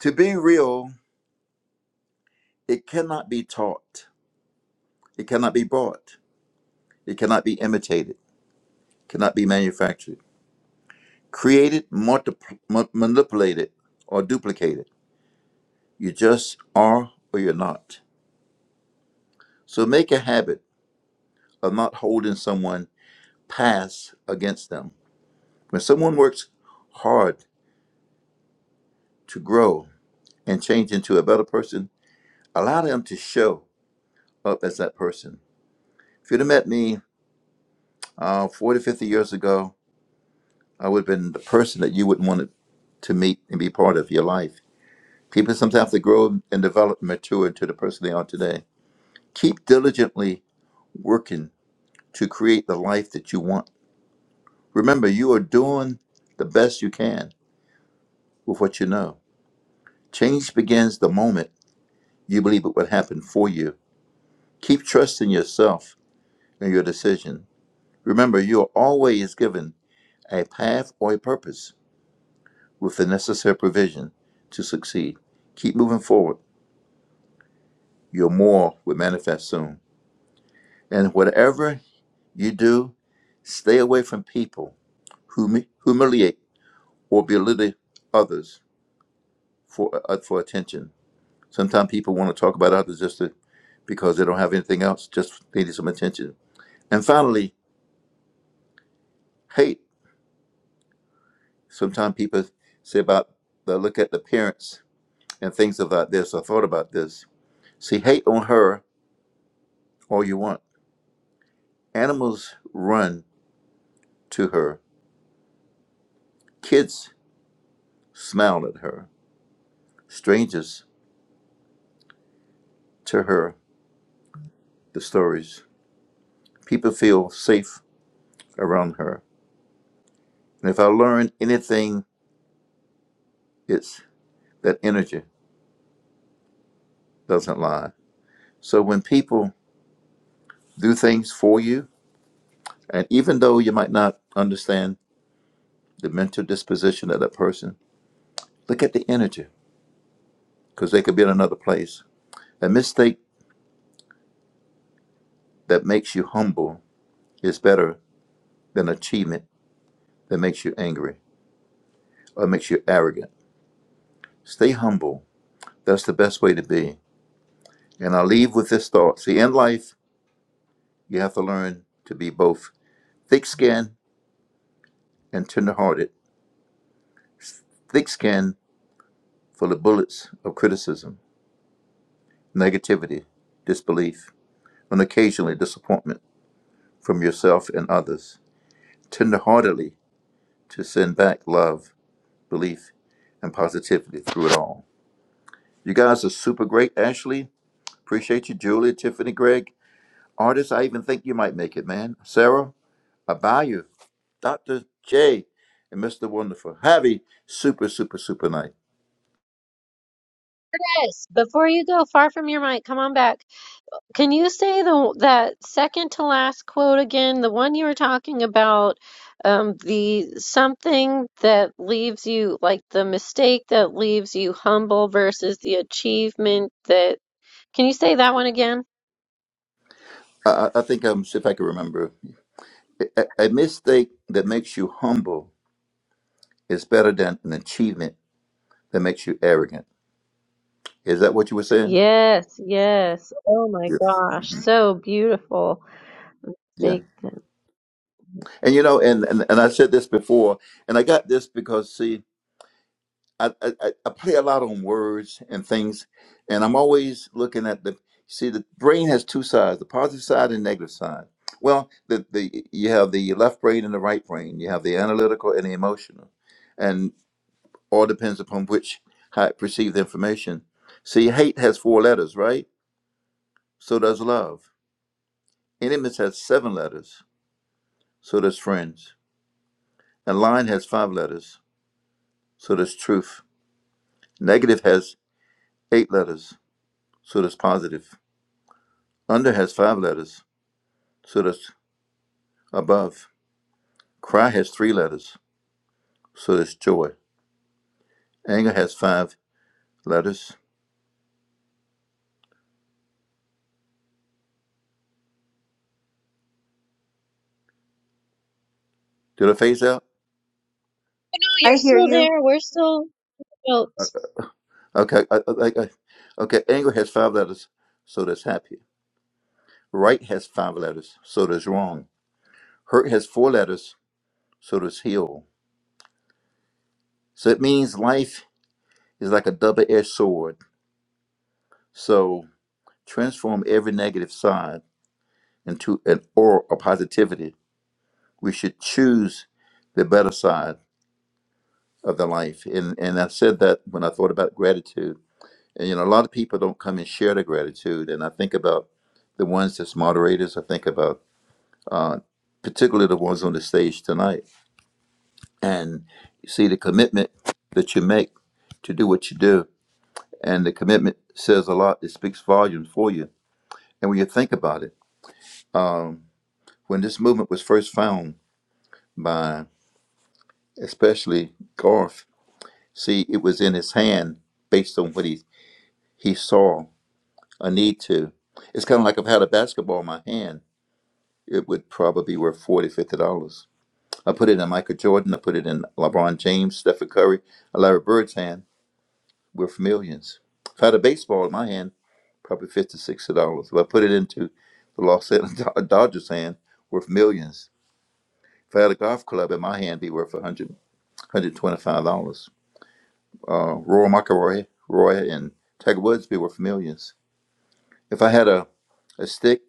S7: To be real, it cannot be taught. It cannot be bought. It cannot be imitated. It cannot be manufactured created, multipl- mu- manipulated, or duplicated. You just are or you're not. So make a habit of not holding someone past against them. When someone works hard to grow and change into a better person, allow them to show up as that person. If you'd have met me uh, 40, 50 years ago, I would have been the person that you wouldn't want to to meet and be part of your life. People sometimes have to grow and develop and mature into the person they are today. Keep diligently working to create the life that you want. Remember, you are doing the best you can with what you know. Change begins the moment you believe it would happen for you. Keep trusting yourself and your decision. Remember, you are always given a path or a purpose with the necessary provision to succeed. Keep moving forward. Your more will manifest soon. And whatever you do, stay away from people who humi- humiliate or belittle others for uh, uh, for attention. Sometimes people want to talk about others just to, because they don't have anything else. Just they need some attention. And finally, hate. Sometimes people say about they look at the parents and things about this. I thought about this. See, hate on her all you want. Animals run to her. Kids smile at her. Strangers to her. The stories. People feel safe around her. And if I learned anything, it's that energy doesn't lie. So when people do things for you, and even though you might not understand the mental disposition of that person, look at the energy because they could be in another place. A mistake that makes you humble is better than achievement that makes you angry or makes you arrogant. Stay humble. That's the best way to be. And I'll leave with this thought. See, in life, you have to learn to be both thick skinned and tender-hearted. Thick skinned for the bullets of criticism, negativity, disbelief and occasionally disappointment from yourself and others, tenderheartedly to send back love, belief, and positivity through it all. You guys are super great, Ashley. Appreciate you, Julie, Tiffany, Greg. Artists, I even think you might make it, man. Sarah, I buy you. Dr. J and Mr. Wonderful. Javi, super, super, super nice.
S1: Yes, before you go far from your mic, come on back. Can you say the that second to last quote again? The one you were talking about, um, the something that leaves you like the mistake that leaves you humble versus the achievement that Can you say that one again?
S7: I, I I think I'm, see if I can remember. A, a a mistake that makes you humble is better than an achievement that makes you arrogant. Is that what you were
S1: S-
S7: saying?
S1: Yes, yes. Oh my
S7: Yeah.
S1: gosh,
S7: Mhm.
S1: so beautiful.
S7: Yeah.
S1: Take them.
S7: And you know, and, and and I said this before, and I got this because see, I, I I I play a lot on words and things, and I'm always looking at the see the brain has two sides, the positive side and negative side. Well, the the you have the left brain and the right brain. You have the analytical and the emotional, and all depends upon which how it perceives the information. See, hate has four letters, right? So does love. Enemies has seven letters. So does friends. And line has five letters so does truth. Negative has eight letters, so does positive. Under has five letters, so does above. Cry has three letters, so does joy. Anger has five letters. Did I phase out?
S1: No, you're
S3: I hear
S1: still
S3: you.
S1: there. We're still built.
S7: Okay, I, I, I, okay. Anger has five letters, so does happy. Right has five letters, so does wrong. Hurt has four letters, so does heal. So it means life is like a double-edged sword. So transform every negative side into an aura of positivity we should choose the better side of the life. And and I said that when I thought about gratitude. And you know, a lot of people don't come and share their gratitude. And I think about the ones that's moderators. I think about uh, particularly the ones on the stage tonight. And you see the commitment that you make to do what you do, and the commitment says a lot. It speaks volumes for you. And when you think about it, when this movement was first found by especially Garth See, it was in his hand based on what he, he saw a need to. It's kind of like if I had a basketball in my hand, it would probably be worth 40 dollars, $50. I put it in Michael Jordan, I put it in LeBron James, Stephen Curry, Larry Bird's hand, worth millions. If I had a baseball in my hand, probably 50 dollars, $60. If I put it into the Los Angeles Dod- Dodgers' hand, worth millions. If I had a golf club in my hand, it'd be worth 100 $125. uh, Roy McElroy, Roy, and Tiger Woods, we were familiars. If I had a, a stick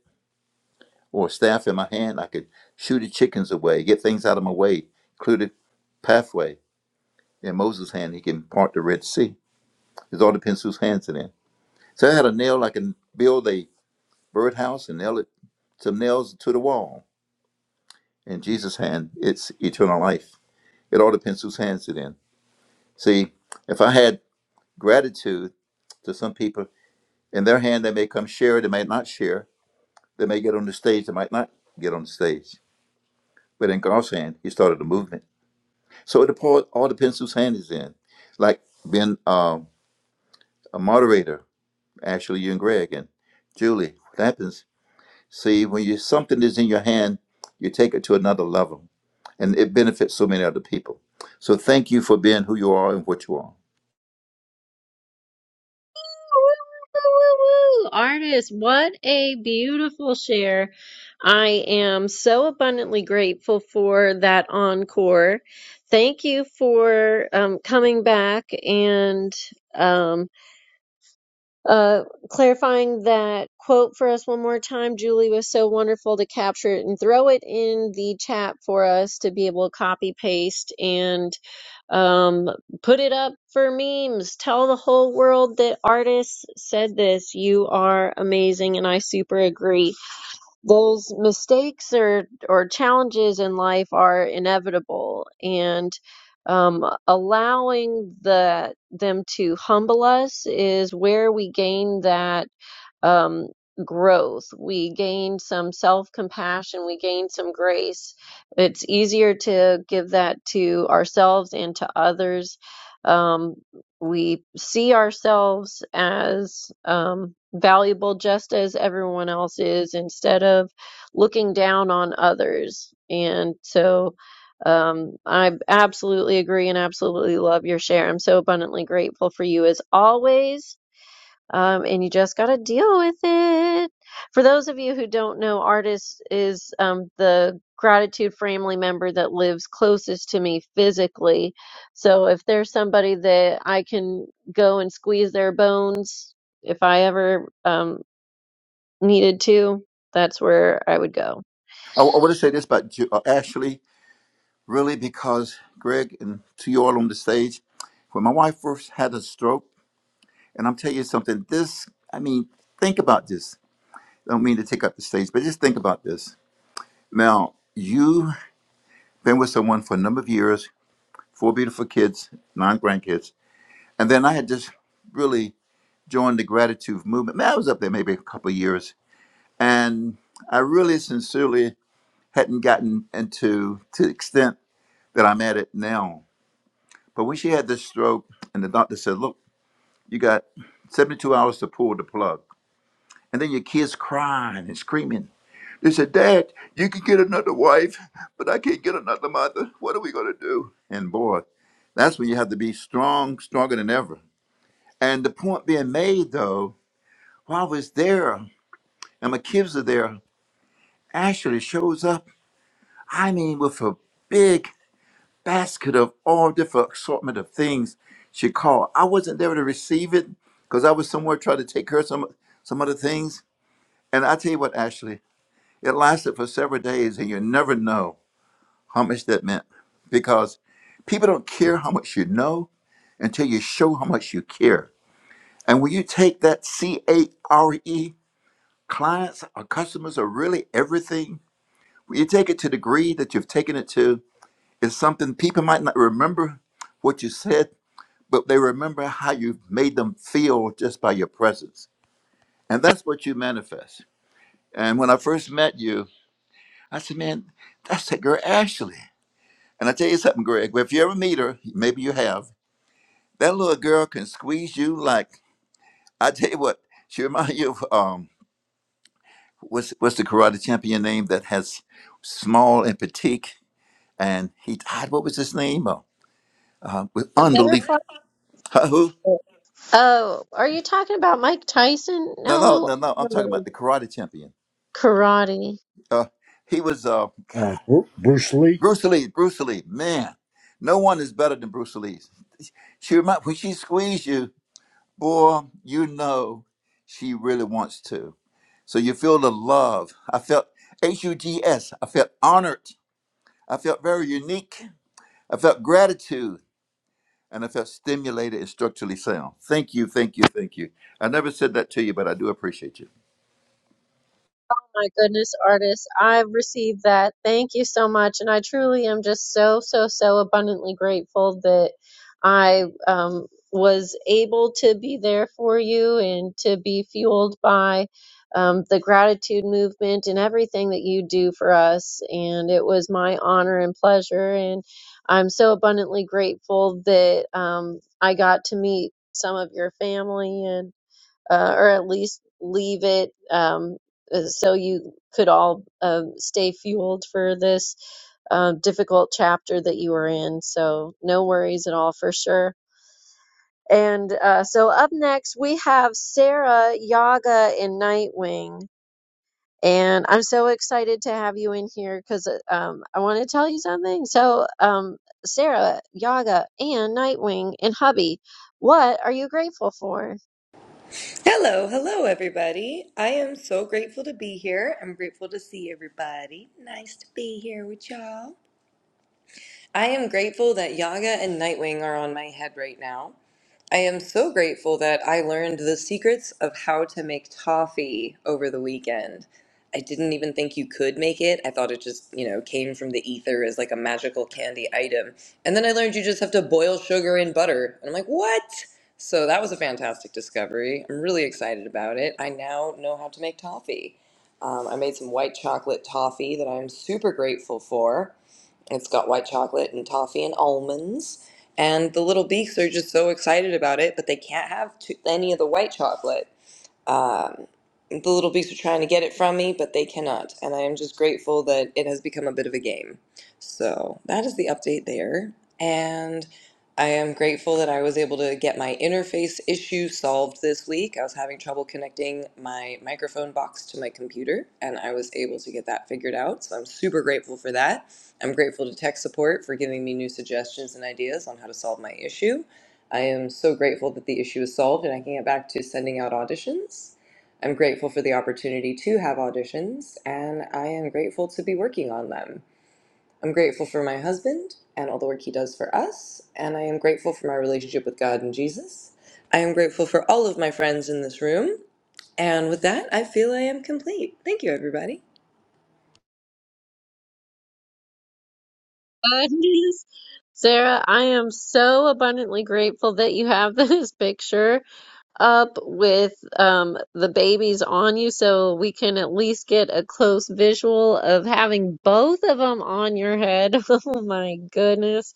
S7: or a staff in my hand, I could shoot the chickens away, get things out of my way, including pathway. In Moses' hand, he can part the Red Sea. It all depends whose hands it in. So I had a nail, I can build a birdhouse and nail it, some nails to the wall. In Jesus' hand, it's eternal life. It all depends whose hands it in. See, if I had gratitude to some people, in their hand, they may come share, they may not share They may get on the stage, they might not get on the stage. But in God's hand, he started a movement. So it all, all depends whose hand is in. Like being um, a moderator, Ashley, you and Greg and Julie, what happens? See, when you something is in your hand, you take it to another level, and it benefits so many other people. So thank you for being who you are and what you are.
S1: Woo, woo, woo, woo, woo. Artist, what a beautiful share. I am so abundantly grateful for that encore. Thank you for um, coming back and um, Uh, clarifying that quote for us one more time. Julie was so wonderful to capture it and throw it in the chat for us to be able to copy paste and um, put it up for memes. Tell the whole world that artists said this. You are amazing, and I super agree those mistakes or or challenges in life are inevitable and um, allowing the them to humble us is where we gain that um, growth. We gain some self compassion. We gain some grace. It's easier to give that to ourselves and to others. Um, we see ourselves as um, valuable just as everyone else is instead of looking down on others. And so um, I absolutely agree and absolutely love your share. I'm so abundantly grateful for you as always um, and you just got to deal with it. For those of you who don't know, Artis is um, the gratitude family member that lives closest to me physically. So if there's somebody that I can go and squeeze their bones, if I ever um, needed to, that's where I would go.
S7: I, I want to say this about Ju- uh, Ashley, really, because Greg and to you all on the stage, when my wife first had a stroke. And I'm telling you something, this, I mean, think about this. I don't mean to take up the stage, but just think about this. Now, you've been with someone for a number of years, four beautiful kids, nine grandkids. And then I had just really joined the gratitude movement. Man, I was up there maybe a couple of years. And I really sincerely hadn't gotten into to the extent that I'm at it now. But when she had this stroke and the doctor said, Look, you got 72 hours to pull the plug. And then your kids crying and screaming. They said, Dad, you can get another wife, but I can't get another mother. What are we going to do? And boy, that's when you have to be strong, stronger than ever. And the point being made, though, while I was there and my kids are there, Ashley shows up, I mean, with a big basket of all different assortment of things she called. I wasn't there to receive it because I was somewhere trying to take care of some, some other things. And I tell you what, Ashley, it lasted for several days, and you never know how much that meant. Because people don't care how much you know until you show how much you care. And when you take that C A R E, clients or customers are really everything. When you take it to the degree that you've taken it to, it's something people might not remember what you said, but they remember how you made them feel just by your presence. And that's what you manifest. And when I first met you, I said, man, that's that girl Ashley. And I tell you something, Greg, if you ever meet her, maybe you have, That little girl can squeeze you like I tell you what. She reminds you of um, what's what's the karate champion name that has small and petite, and he died. What was his name? Oh, uh, with
S1: The
S7: unbelievable.
S1: butterfly.
S7: who?
S1: Oh, are you talking about Mike Tyson?
S7: No, no,
S1: No,
S7: no, no. I'm talking
S1: no.
S7: about the karate champion.
S1: karate.
S7: Uh, he was uh,
S5: Uh, Bru- Bruce Lee,
S7: Bruce Lee. Bruce Lee, man. No one is better than Bruce Lee. She remind when she squeezed you. Boy, you know she really wants to. So you feel the love. I felt H U G S. I felt honored. I felt very unique. I felt gratitude. And I felt stimulated and structurally sound. Thank you, thank you, thank you. I never said that to you, but I do appreciate you.
S1: my goodness, artist. I've received that. Thank you so much. And I truly am just so, so, so abundantly grateful that I um, was able to be there for you and to be fueled by um, the gratitude movement and everything that you do for us. And it was my honor and pleasure. And I'm so abundantly grateful that um, I got to meet some of your family and uh, or at least leave it um, uh, so you could all um, stay fueled for this uh, difficult chapter that you were in. So, no worries at all for sure. And uh, so, up next, we have Sarah, Yaga, and Nightwing. And I'm so excited to have you in here because um, I want to tell you something. So, um, Sarah, Yaga, and Nightwing, and Hubby, what are you grateful for?
S8: Hello, hello, everybody. I am so grateful to be here. I'm grateful to see everybody. Nice to be here with y'all. I am grateful that Yaga and Nightwing are on my head right now. I am so grateful that I learned the secrets of how to make toffee over the weekend. I didn't even think you could make it. I thought it just, you know, came from the ether as like a magical candy item. And then I learned you just have to boil sugar and butter. And I'm like, what? So that was a fantastic discovery. I'm really excited about it. I now know how to make toffee. Um, I made some white chocolate toffee that I'm super grateful for. It's got white chocolate and toffee and almonds. And the little beaks are just so excited about it, but they can't have too, any of the white chocolate. Um, the little beasts were trying to get it from me, but they cannot. And I am just grateful that it has become a bit of a game. So that is the update there. And I am grateful that I was able to get my interface issue solved this week. I was having trouble connecting my microphone box to my computer, and I was able to get that figured out. So I'm super grateful for that. I'm grateful to tech support for giving me new suggestions and ideas on how to solve my issue. I am so grateful that the issue is solved and I can get back to sending out auditions. I'm grateful for the opportunity to have auditions, and I am grateful to be working on them. I'm grateful for my husband and all the work he does for us, and I am grateful for my relationship with God and Jesus. I am grateful for all of my friends in this room, and with that, I feel I am complete. Thank you, everybody.
S1: goodness. Sarah, I am so abundantly grateful that you have this picture up with um, the babies on you so we can at least get a close visual of having both of them on your head. Oh my goodness.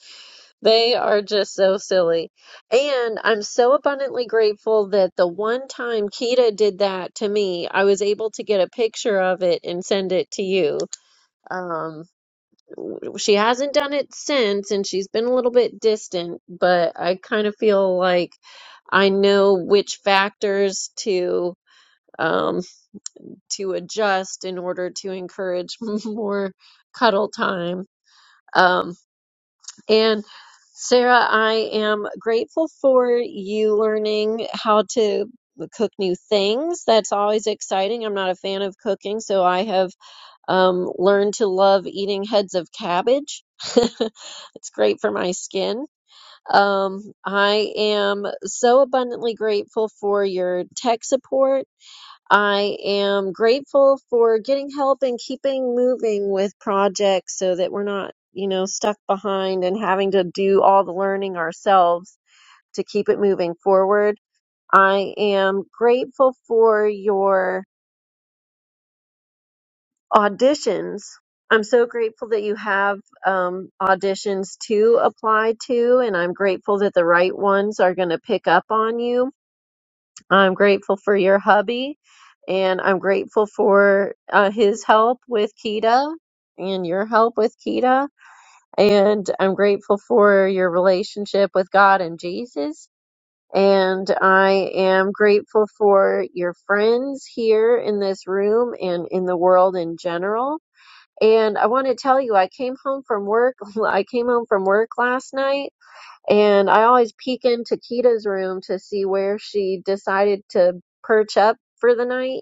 S1: They are just so silly. And I'm so abundantly grateful that the one time Kita did that to me, I was able to get a picture of it and send it to you. Um, she hasn't done it since and she's been a little bit distant, but I kind of feel like I know which factors to um to adjust in order to encourage more cuddle time. Um and Sarah, I am grateful for you learning how to cook new things. That's always exciting. I'm not a fan of cooking, so I have um, learn to love eating heads of cabbage. it's great for my skin. Um, I am so abundantly grateful for your tech support. I am grateful for getting help and keeping moving with projects so that we're not, you know, stuck behind and having to do all the learning ourselves to keep it moving forward. I am grateful for your auditions. I'm so grateful that you have um, auditions to apply to, and I'm grateful that the right ones are going to pick up on you. I'm grateful for your hubby, and I'm grateful for uh, his help with Kita and your help with Kita. And I'm grateful for your relationship with God and Jesus. And I am grateful for your friends here in this room and in the world in general. And I want to tell you, I came home from work. I came home from work last night, and I always peek into Kita's room to see where she decided to perch up for the night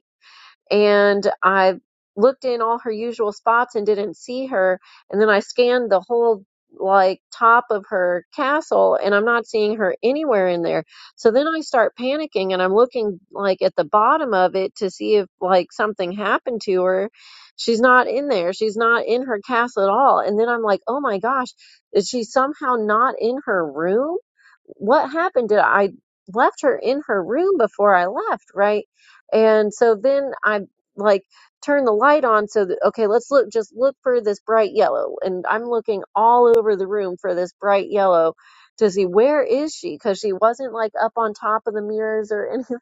S1: and I looked in all her usual spots and didn't see her. And then I scanned the whole like top of her castle and I'm not seeing her anywhere in there. So then I start panicking and I'm looking like at the bottom of it to see if like something happened to her. She's not in there. She's not in her castle at all. And then I'm like, "Oh my gosh, is she somehow not in her room? What happened? Did I left her in her room before I left, right?" And so then I like turn the light on so that okay, let's look just look for this bright yellow. And I'm looking all over the room for this bright yellow to see where is she cuz she wasn't like up on top of the mirrors or anything.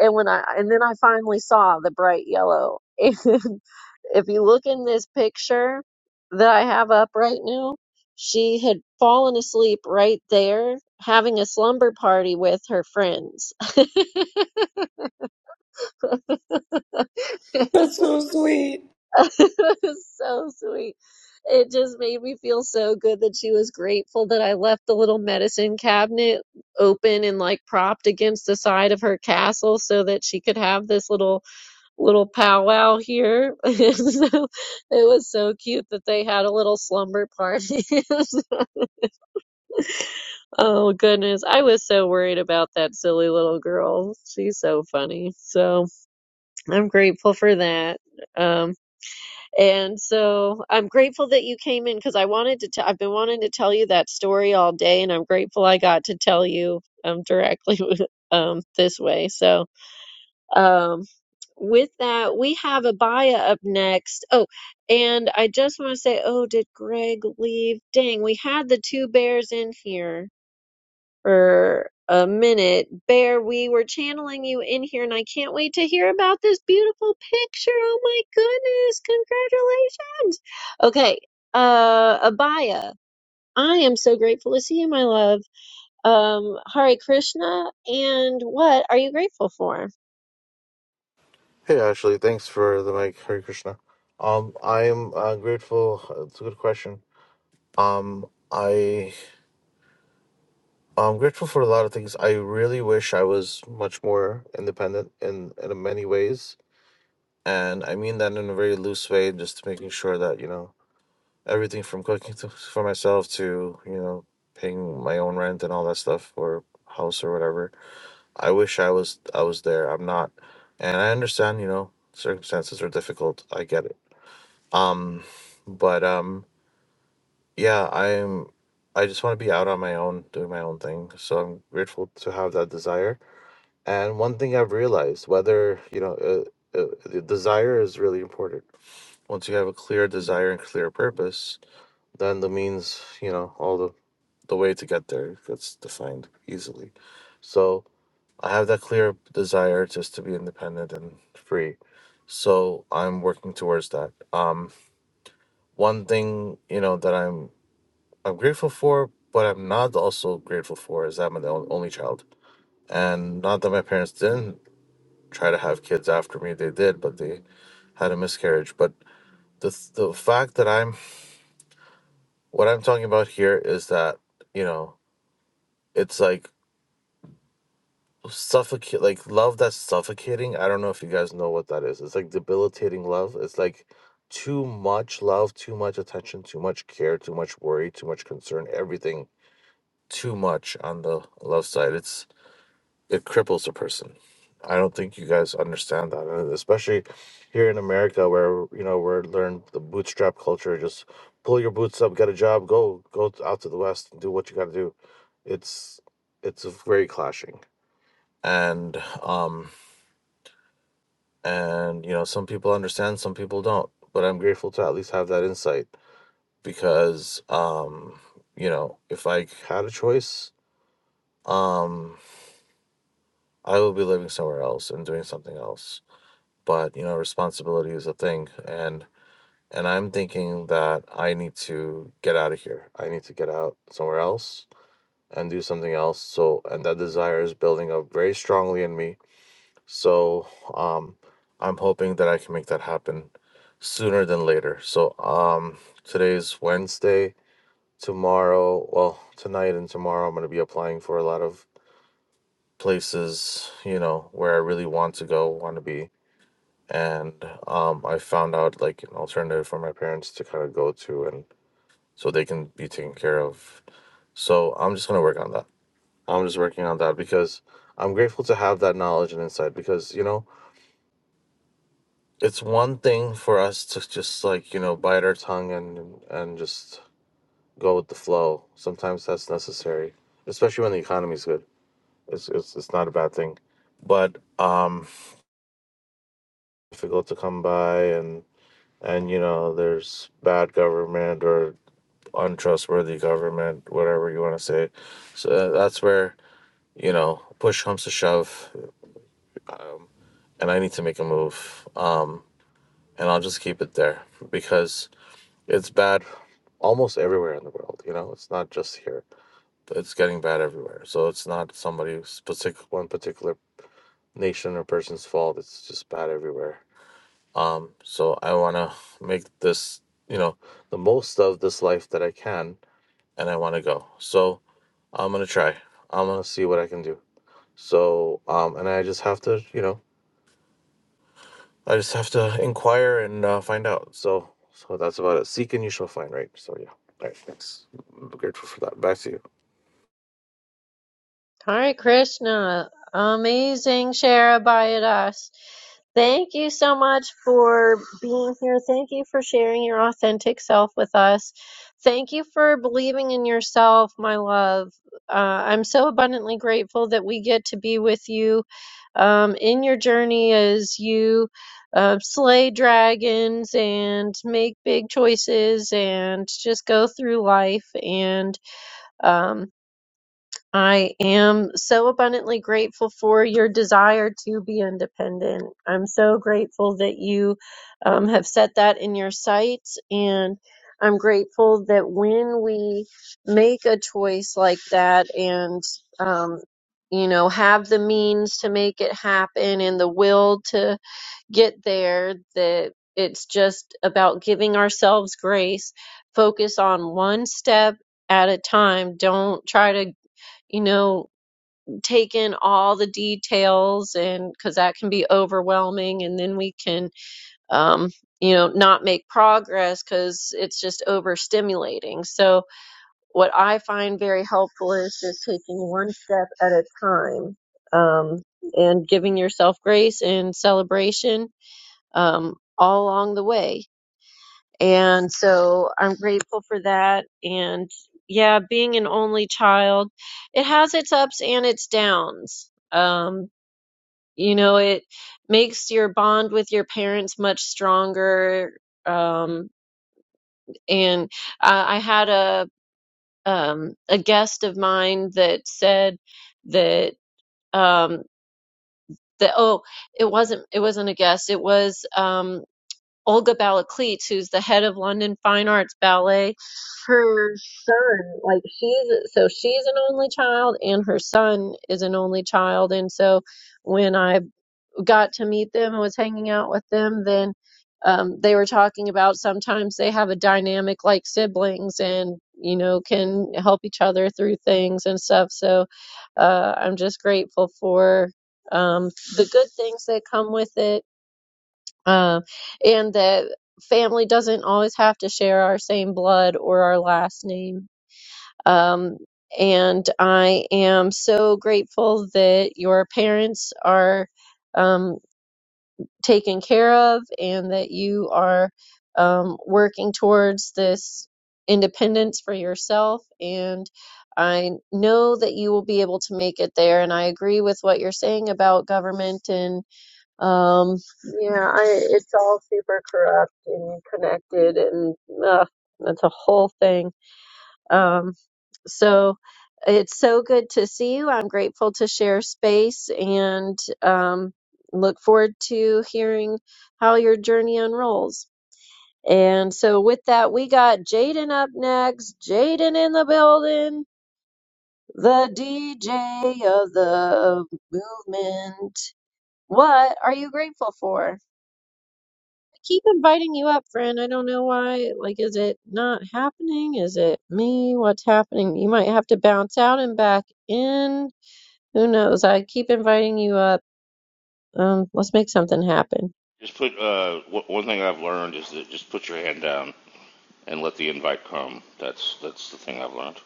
S1: And when I and then I finally saw the bright yellow. And if you look in this picture that I have up right now, she had fallen asleep right there having a slumber party with her friends.
S8: That's so sweet.
S1: It was so sweet. It just made me feel so good that she was grateful that I left the little medicine cabinet open and like propped against the side of her castle so that she could have this little little powwow here. And so it was so cute that they had a little slumber party. oh goodness, I was so worried about that silly little girl. She's so funny. So I'm grateful for that. Um, And so I'm grateful that you came in because I wanted to tell, I've been wanting to tell you that story all day, and I'm grateful I got to tell you um, directly um, this way. So, um, with that, we have Abaya up next. Oh, and I just want to say, oh, did Greg leave? Dang, we had the two bears in here for a minute. Bear, we were channeling you in here, and I can't wait to hear about this beautiful picture. Oh my goodness, congratulations. Okay, uh, Abaya, I am so grateful to see you, my love. Um, Hare Krishna, and what are you grateful for?
S9: Hey Ashley, thanks for the mic. Hare Krishna. Um, I am uh, grateful. uh, It's a good question. Um, I I'm grateful for a lot of things. I really wish I was much more independent in in many ways, and I mean that in a very loose way. Just making sure that you know everything from cooking to, for myself to you know paying my own rent and all that stuff or house or whatever. I wish I was I was there. I'm not, and I understand. You know, circumstances are difficult. I get it Um, but um, yeah, I'm. I just want to be out on my own, doing my own thing. So I'm grateful to have that desire. And one thing I've realized, whether you know, uh, uh, the desire is really important. Once you have a clear desire and clear purpose, then the means, you know, all the the way to get there gets defined easily. So I have that clear desire just to be independent and free. So I'm working towards that. Um, one thing you know that I'm I'm grateful for, but I'm not also grateful for is that I'm the on- only child. And not that my parents didn't try to have kids after me, they did, but they had a miscarriage. But the the fact that I'm what I'm talking about here is that you know it's like suffocate like love that's suffocating. I don't know if you guys know what that is. It's like debilitating love. It's like too much love, too much attention, too much care, too much worry, too much concern, everything too much on the love side. It's it cripples a person. I don't think you guys understand that, and especially here in America, where you know we're learned the bootstrap culture. Just pull your boots up, get a job, go go out to the west, and do what you got to do. It's it's very clashing, and um and you know some people understand, some people don't. But I'm grateful to at least have that insight because um you know if I had a choice, um I would be living somewhere else and doing something else but you know responsibility is a thing and and i'm thinking that i need to get out of here i need to get out somewhere else and do something else so and that desire is building up very strongly in me so um i'm hoping that i can make that happen sooner than later so um today's wednesday tomorrow well tonight and tomorrow i'm going to be applying for a lot of places you know where i really want to go want to be and um, I found out like an alternative for my parents to kind of go to, and so they can be taken care of. So I'm just gonna work on that. I'm just working on that because I'm grateful to have that knowledge and insight. Because you know, it's one thing for us to just like you know bite our tongue and and just go with the flow. Sometimes that's necessary, especially when the economy's good. It's it's it's not a bad thing, but um, difficult to come by and and you know there's bad government or untrustworthy government, whatever you want to say. So that's where you know push comes to shove, um, and I need to make a move. Um, and I'll just keep it there because it's bad almost everywhere in the world. You know, it's not just here. It's getting bad everywhere. So it's not somebody's particular one particular nation or person's fault. It's just bad everywhere. Um, so I want to make this, you know, the most of this life that I can, and I want to go. So I'm gonna try. I'm gonna see what I can do. So, um, and I just have to, you know, I just have to inquire and uh, find out. So, so that's about it. Seek and you shall find, right? So, yeah. All right. Thanks. I'm grateful for that. Back to you.
S1: Hare Krishna, amazing share Shara us. Thank you so much for being here. Thank you for sharing your authentic self with us. Thank you for believing in yourself, my love. Uh, I'm so abundantly grateful that we get to be with you um, in your journey as you uh, slay dragons and make big choices and just go through life. And um, I am so abundantly grateful for your desire to be independent. I'm so grateful that you um, have set that in your sights. And I'm grateful that when we make a choice like that and, um, you know, have the means to make it happen and the will to get there, that it's just about giving ourselves grace, focus on one step at a time. Don't try to you know, take in all the details and because that can be overwhelming. And then we can, um, you know, not make progress because it's just overstimulating. So, what I find very helpful is just taking one step at a time um, and giving yourself grace and celebration um, all along the way. And so I'm grateful for that. And yeah, being an only child, it has its ups and its downs. Um, you know, it makes your bond with your parents much stronger. Um, and I, I had a um, a guest of mine that said that um, that oh, it wasn't it wasn't a guest. It was um, Olga Balakleets, who's the head of London Fine Arts Ballet, her son, like she's so she's an only child, and her son is an only child, and so when I got to meet them and was hanging out with them, then um, they were talking about sometimes they have a dynamic like siblings, and you know can help each other through things and stuff. So uh, I'm just grateful for um, the good things that come with it uh, and that family doesn't always have to share our same blood or our last name. Um, and I am so grateful that your parents are um, taken care of and that you are um, working towards this independence for yourself. And I know that you will be able to make it there. And I agree with what you're saying about government and um, yeah, I, it's all super corrupt and connected, and uh, it's a whole thing. Um, so it's so good to see you. I'm grateful to share space and um, look forward to hearing how your journey unrolls. And so, with that, we got Jaden up next. Jaden in the building, the DJ of the movement. What are you grateful for? keep inviting you up, friend. I don't know why. Like, is it not happening? Is it me? What's happening? You might have to bounce out and back in. Who knows? I keep inviting you up. Um, let's make something happen.
S10: Just put uh, one thing I've learned is that just put your hand down and let the invite come. That's that's the thing I've learned.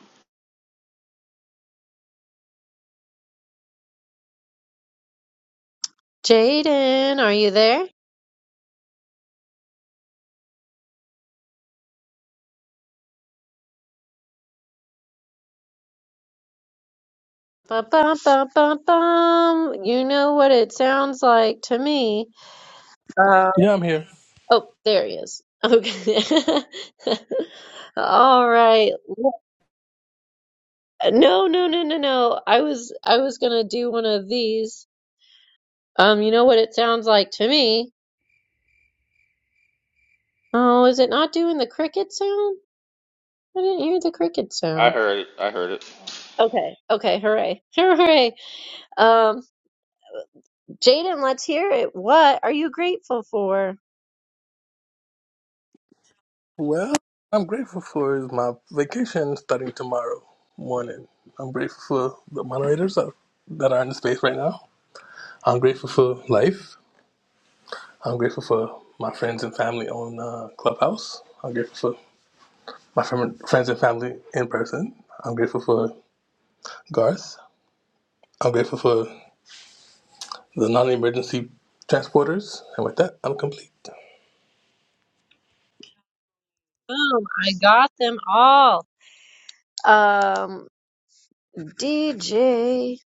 S1: Jaden, are you there? Bum, bum, bum, bum, bum. You know what it sounds like to me. Uh,
S11: Yeah, I'm here.
S1: oh, there he is. Okay. All right. No, no, no, no, no. I was I was gonna do one of these. Um, you know what it sounds like to me? Oh, is it not doing the cricket sound? I didn't hear the cricket
S10: I
S1: sound.
S10: heard it. I heard it.
S1: Okay, okay, hooray. Hooray. Um, Jaden, let's hear it. What are you grateful for?
S11: Well, I'm grateful for is my vacation starting tomorrow morning. I'm grateful for the moderators that that are in the space right now. I'm grateful for life. I'm grateful for my friends and family on uh, Clubhouse. I'm grateful for my fam- friends and family in person. I'm grateful for Garth. I'm grateful for the non-emergency transporters. And with that, I'm complete.
S1: Boom, I got them all. Um, DJ.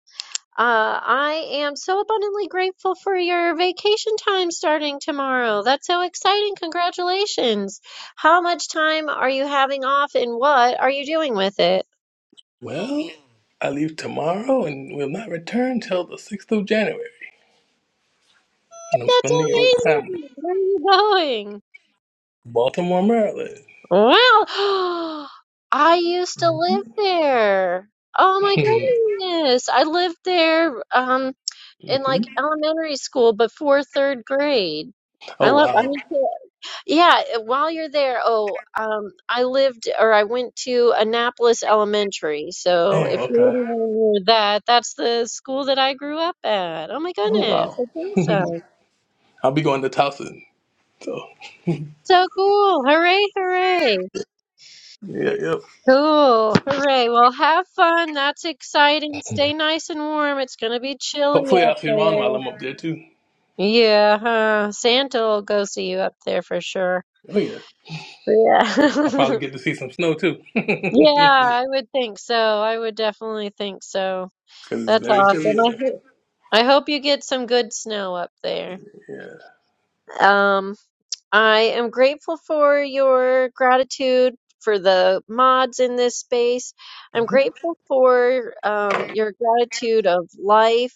S1: Uh, I am so abundantly grateful for your vacation time starting tomorrow. That's so exciting. Congratulations. How much time are you having off and what are you doing with it?
S11: Well, I leave tomorrow and will not return till the 6th of January. And I'm
S1: That's
S11: spending it with family.
S1: amazing. Where are you going?
S11: Baltimore, Maryland.
S1: Wow. I used to live there. Oh my
S11: Mm-hmm.
S1: goodness. I lived there um in like
S11: hmm
S1: elementary school before third grade.
S11: Oh
S1: I love I
S11: wow.
S1: went to yeah, eh, while you're there, oh, um I lived or I went to Annapolis Elementary.
S11: Oh
S1: So if you're
S11: okay.
S1: anywhere near that, that's the school that I grew up at. Oh my
S11: Oh
S1: goodness.
S11: wow.
S1: That's awesome.
S11: I'll be going to Towson. So
S1: So cool. Hooray, hooray.
S11: yeah, yep.
S1: Cool. Hooray. Well, have fun. That's exciting. Stay nice and warm. It's going to be chilly
S11: Hopefully
S1: up
S11: I'll see Ron while
S1: there.
S11: I'm up there too.
S1: Yeah, huh? Santa will go see you up there for sure.
S11: Oh yeah. I'll
S1: Yeah.
S11: probably get to see some snow too,
S1: Yeah,
S11: because
S1: I would think so. I would definitely think so.
S11: it's
S1: That's
S11: very chilly
S1: awesome.
S11: up there.
S1: I hope I hope you get some good snow up there.
S11: Yeah.
S1: Um, I am grateful for your gratitude for the mods in this space. I'm
S11: hmm
S1: grateful for um, your gratitude of life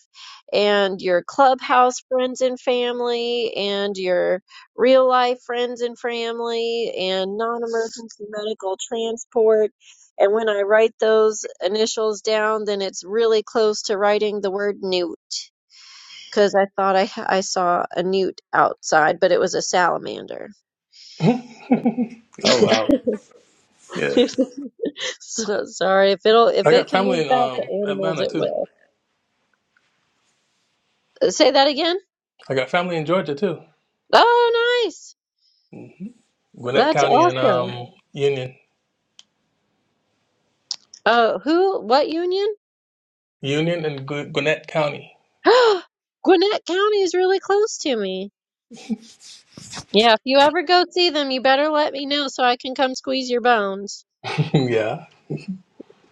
S1: and your clubhouse friends and family and your real life friends and family and non emergency medical transport. And when I write those initials down, then it's really close to writing the word newt because I thought I, I saw a newt outside, but it was a salamander.
S11: Oh wow. Yeah.
S1: So sorry if it'll if
S11: I
S1: it
S11: got
S1: can
S11: family
S1: link
S11: in
S1: back
S11: um,
S1: to animals,
S11: Atlanta
S1: it
S11: too.
S1: will. Uh, Say that again.
S11: I got family in Georgia too.
S1: Oh, nice.
S11: Gwinnett
S1: That's
S11: County and
S1: awesome.
S11: um, Union,
S1: Oh, who? What union?
S11: Union and Gw- Gwinnett County.
S1: Gwinnett County is really close to me. Yeah, if you ever go see them, you better let me know so I can come squeeze your bones.
S11: yeah.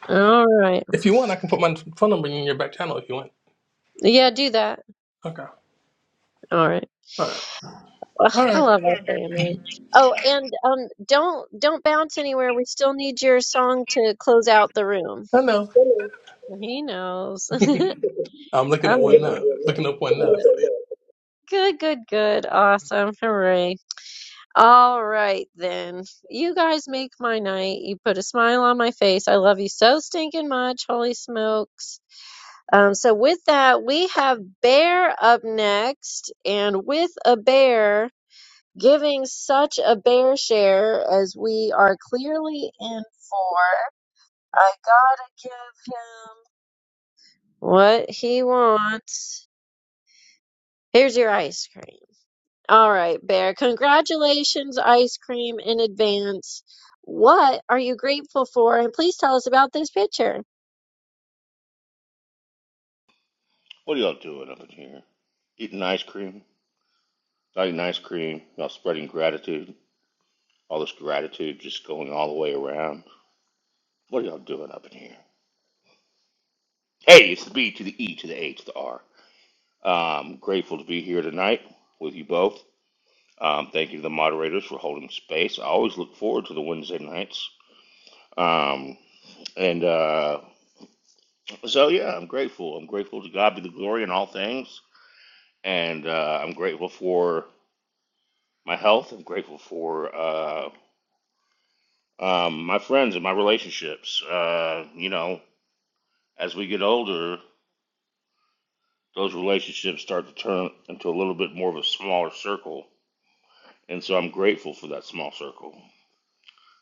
S1: All right.
S11: If you want, I can put my phone number in your back channel if you want.
S1: Yeah, do that.
S11: Okay.
S1: All right.
S11: All right.
S1: Ugh,
S11: All
S1: I
S11: right.
S1: love our family. Oh, and um, don't don't bounce anywhere. We still need your song to close out the room.
S11: I know.
S1: Mhm. He knows.
S11: I'm looking at one now.
S1: Oh,
S11: Looking up one now. So,
S1: good, good, good. Awesome. Hooray. All right, then. You guys make my night. You put a smile on my face. I love you so stinking much. Holy smokes. Um, so, with that, we have Bear up next. And with a bear giving such a bare share as we are clearly in for. I gotta give him what he wants. Here's your ice cream. All right, Bear. Congratulations, ice cream, in advance. What are you grateful for? And please tell us about this picture.
S10: What are y'all doing up in here? Eating ice cream, you eating ice cream. Y'all spreading gratitude. All this gratitude just going all the way around. What are y'all doing up in here? Hey, it's the B to the E to the A to the R. Um, grateful to be here tonight with you both. Um, thank you to the moderators for holding space. I always look forward to the Wednesday nights. Um, and uh, So yeah, I'm grateful. I'm grateful to God be the glory in all things, and uh, I'm grateful for my health. I'm grateful for uh, um, my friends and my relationships. Uh, you know, as we get older, those relationships start to turn into a little bit more of a smaller circle, and so I'm grateful for that small circle.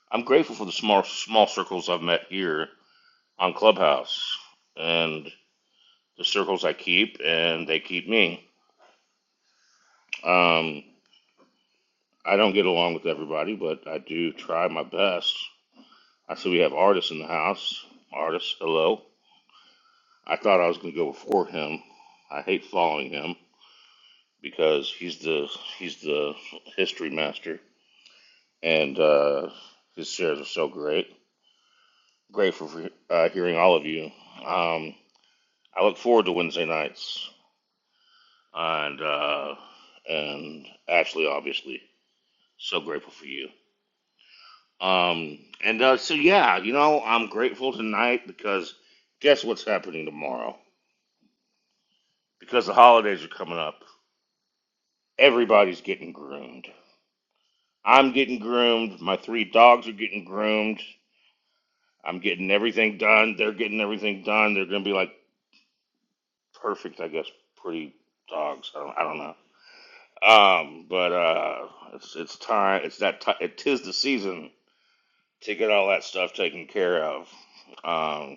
S10: I'm grateful for the small small circles I've met here on Clubhouse, and the circles I keep, and they keep me. Um, I don't get along with everybody, but I do try my best. I see we have artists in the house. Artists, hello. I thought I was going to go before him. I hate following him because he's the he's the history master, and uh, his shares are so great. Grateful for uh, hearing all of you. Um, I look forward to Wednesday nights and uh, and Ashley, obviously, so grateful for you. Um, and uh, so, yeah, you know, I'm grateful tonight because guess what's happening tomorrow? Because the holidays are coming up, everybody's getting groomed. I'm getting groomed. My three dogs are getting groomed. I'm getting everything done. They're getting everything done. They're going to be like perfect, I guess, pretty dogs. I don't, I don't know. Um, but uh, it's it's time. It's that ti It is the season to get all that stuff taken care of. um.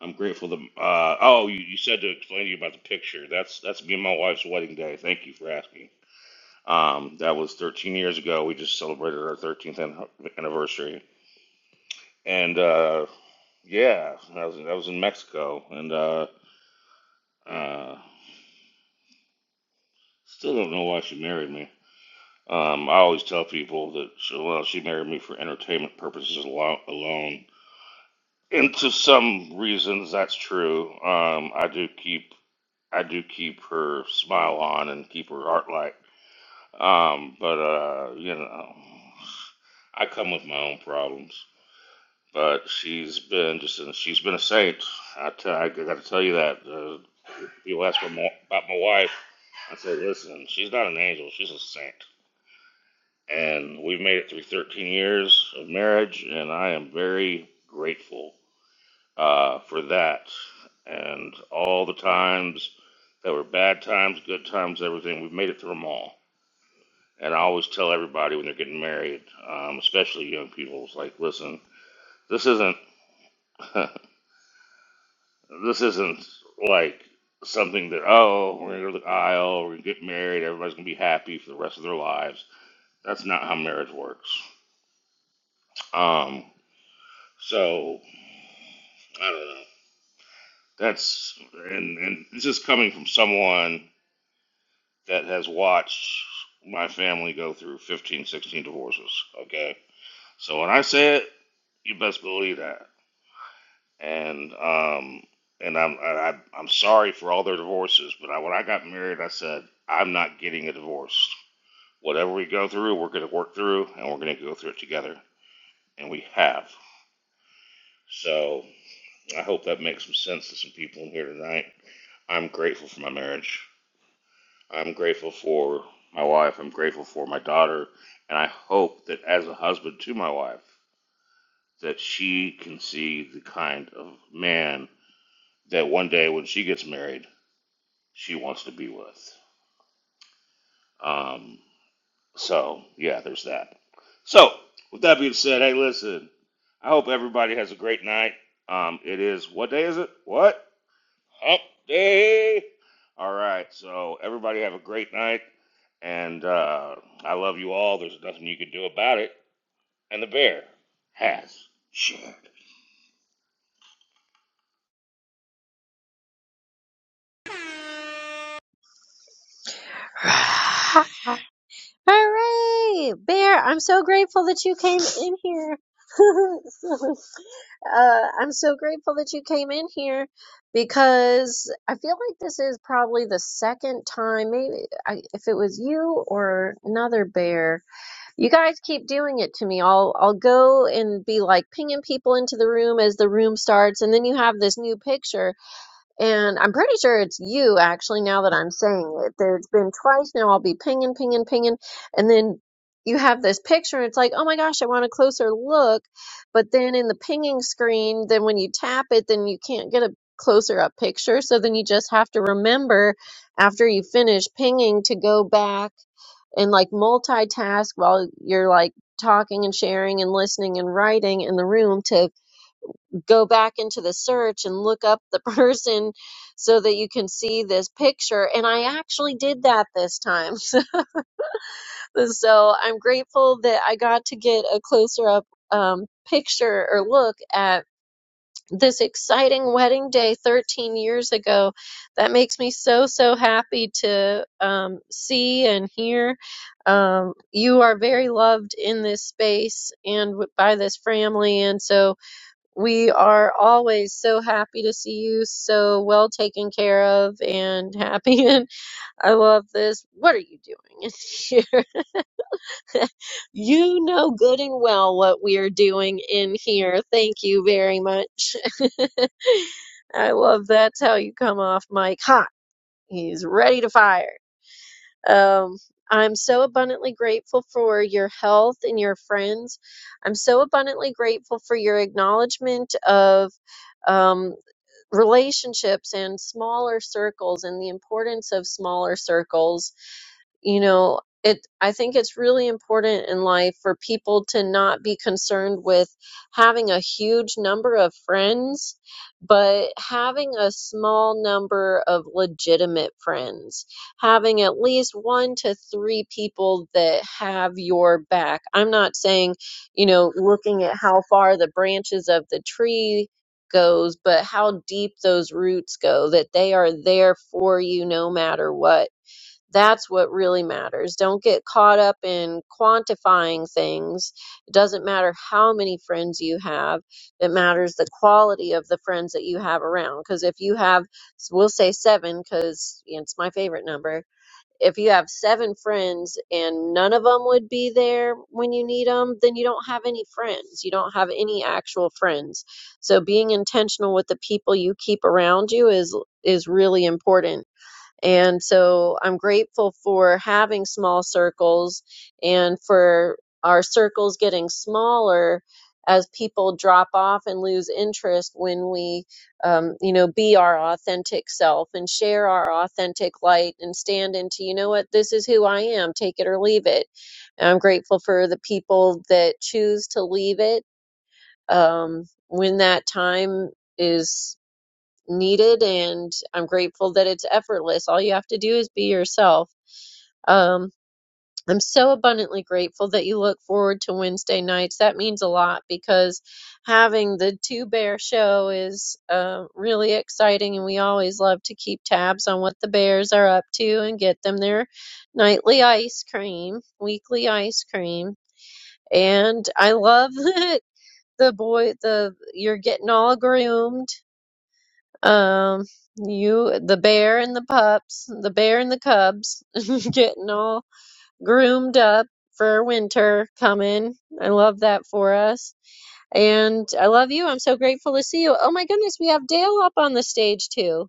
S10: I'm grateful that. Uh, oh, you, you said to explain to you about the picture. That's that's me and my wife's wedding day. Thank you for asking. Um, that was 13 years ago. We just celebrated our 13th an- anniversary, and uh, yeah, that was that was in Mexico, and uh, uh, still don't know why she married me. Um, I always tell people that she, well, she married me for entertainment purposes alo- alone. And to some reasons, that's true. Um, I do keep I do keep her smile on and keep her heart light. Um, but uh, you know, I come with my own problems. But she's been just an, she's been a saint. I t- I got to tell you that. Uh, people ask me about my wife. I say, listen, she's not an angel. She's a saint. And we've made it through 13 years of marriage, and I am very grateful uh, for that. And all the times, that were bad times, good times, everything. We've made it through them all And I always tell everybody when they're getting married, um, especially young people, it's like, listen, this isn't this isn't like something that oh we're gonna go to the aisle, we're gonna get married, everybody's gonna be happy for the rest of their lives. That's not how marriage works. Um, so I don't know. That's and and this is coming from someone that has watched my family go through 15, 16 divorces. Okay, so when I say it, you best believe that. and um, and I'm I, I- I'm sorry for all their divorces, but I, when I got married, I said I'm not getting a divorce. Whatever we go through, we're going to work through, and we're going to go through it together, and we have. So I hope that makes some sense to some people in here tonight. I'm grateful for my marriage. I'm grateful for my wife. I'm grateful for my daughter, and I hope that as a husband to my wife, that she can see the kind of man that one day when she gets married she wants to be with. Um, so yeah, there's that. So with that being said, hey, listen, I hope everybody has a great night. Um, it is what day is it? What hump day? All right, so everybody have a great night, and uh, I love you all. There's nothing you can do about it, and the bear has shared.
S1: Hooray! Bear, I'm so grateful that you came in here. uh, I'm so grateful that you came in here because I feel like this is probably the second time, maybe I, if it was you or another bear. You guys keep doing it to me. I'll I'll go and be like pinging people into the room as the room starts, and then you have this new picture and I'm pretty sure it's you, actually, now that I'm saying it. There's been twice now I'll be pinging, pinging, pinging. And then you have this picture, and it's like, oh my gosh, I want a closer look. But then in the pinging screen, then when you tap it, then you can't get a closer up picture. So then you just have to remember after you finish pinging to go back and like multitask while you're like talking and sharing and listening and writing in the room to go back into the search and look up the person so that you can see this picture. And I actually did that this time. so I'm grateful that I got to get a closer up um, picture or look at this exciting wedding day 13 years ago. That makes me so, so happy to um, see and hear. Um, you are very loved in this space and w- by this family. And so, we are always so happy to see you, so well taken care of and happy. And I love this. What are you doing in here? You know good and well what we are doing in here. Thank you very much. I love that's how you come off, Mike. Hot. He's ready to fire. Um, I'm so abundantly grateful for your health and your friends. I'm so abundantly grateful for your acknowledgement of. um. relationships and smaller circles and the importance of smaller circles you know it i think it's really important in life for people to not be concerned with having a huge number of friends but having a small number of legitimate friends having at least one to three people that have your back i'm not saying you know looking at how far the branches of the tree goes but how deep those roots go that they are there for you no matter what that's what really matters. Don't get caught up in quantifying things. It doesn't matter how many friends you have. It matters the quality of the friends that you have around. Because if you have, we'll say seven, because it's my favorite number. If you have seven friends and none of them would be there when you need them, then you don't have any friends. You don't have any actual friends. So being intentional with the people you keep around you is is really important and so I'm grateful for having small circles and for our circles getting smaller as people drop off and lose interest when we, um, you know, be our authentic self and share our authentic light and stand into, you know what, this is who I am, take it or leave it. And I'm grateful for the people that choose to leave it um, when that time is needed and I'm grateful that it's effortless. All you have to do is be yourself. Um, I'm so abundantly grateful that you look forward to Wednesday nights. That means a lot because having the Two Bear show is uh, really exciting, and we always love to keep tabs on what the bears are up to and get them their nightly ice cream, weekly ice cream. And I love that the boy, the you're getting all groomed um, you, the bear and the pups, the bear and the cubs, getting all groomed up for winter coming. I love that for us. And I love you. I'm so grateful to see you. Oh my goodness, we have Dale up on the stage too.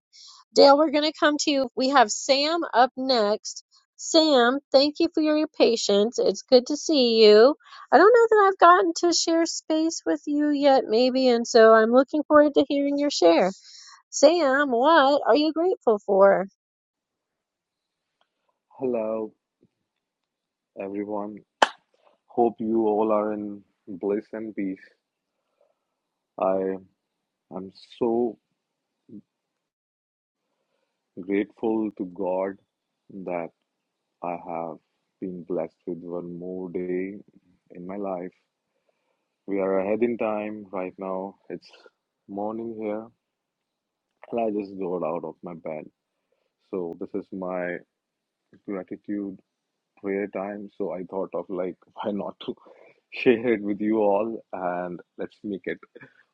S1: Dale, we're going to come to you. We have Sam up next. Sam, thank you for your patience. It's good to see you. I don't know that I've gotten to share space with you yet, maybe, and so I'm looking forward to hearing your share. Sam, what are you grateful for?
S12: Hello, everyone. Hope you all are in bliss and peace. I am so grateful to God that I have been blessed with one more day in my life. We are ahead in time right now. It's morning here, and I just got out of my bed. So, this is my gratitude prayer time. So, I thought of like, why not to share it with you all and let's make it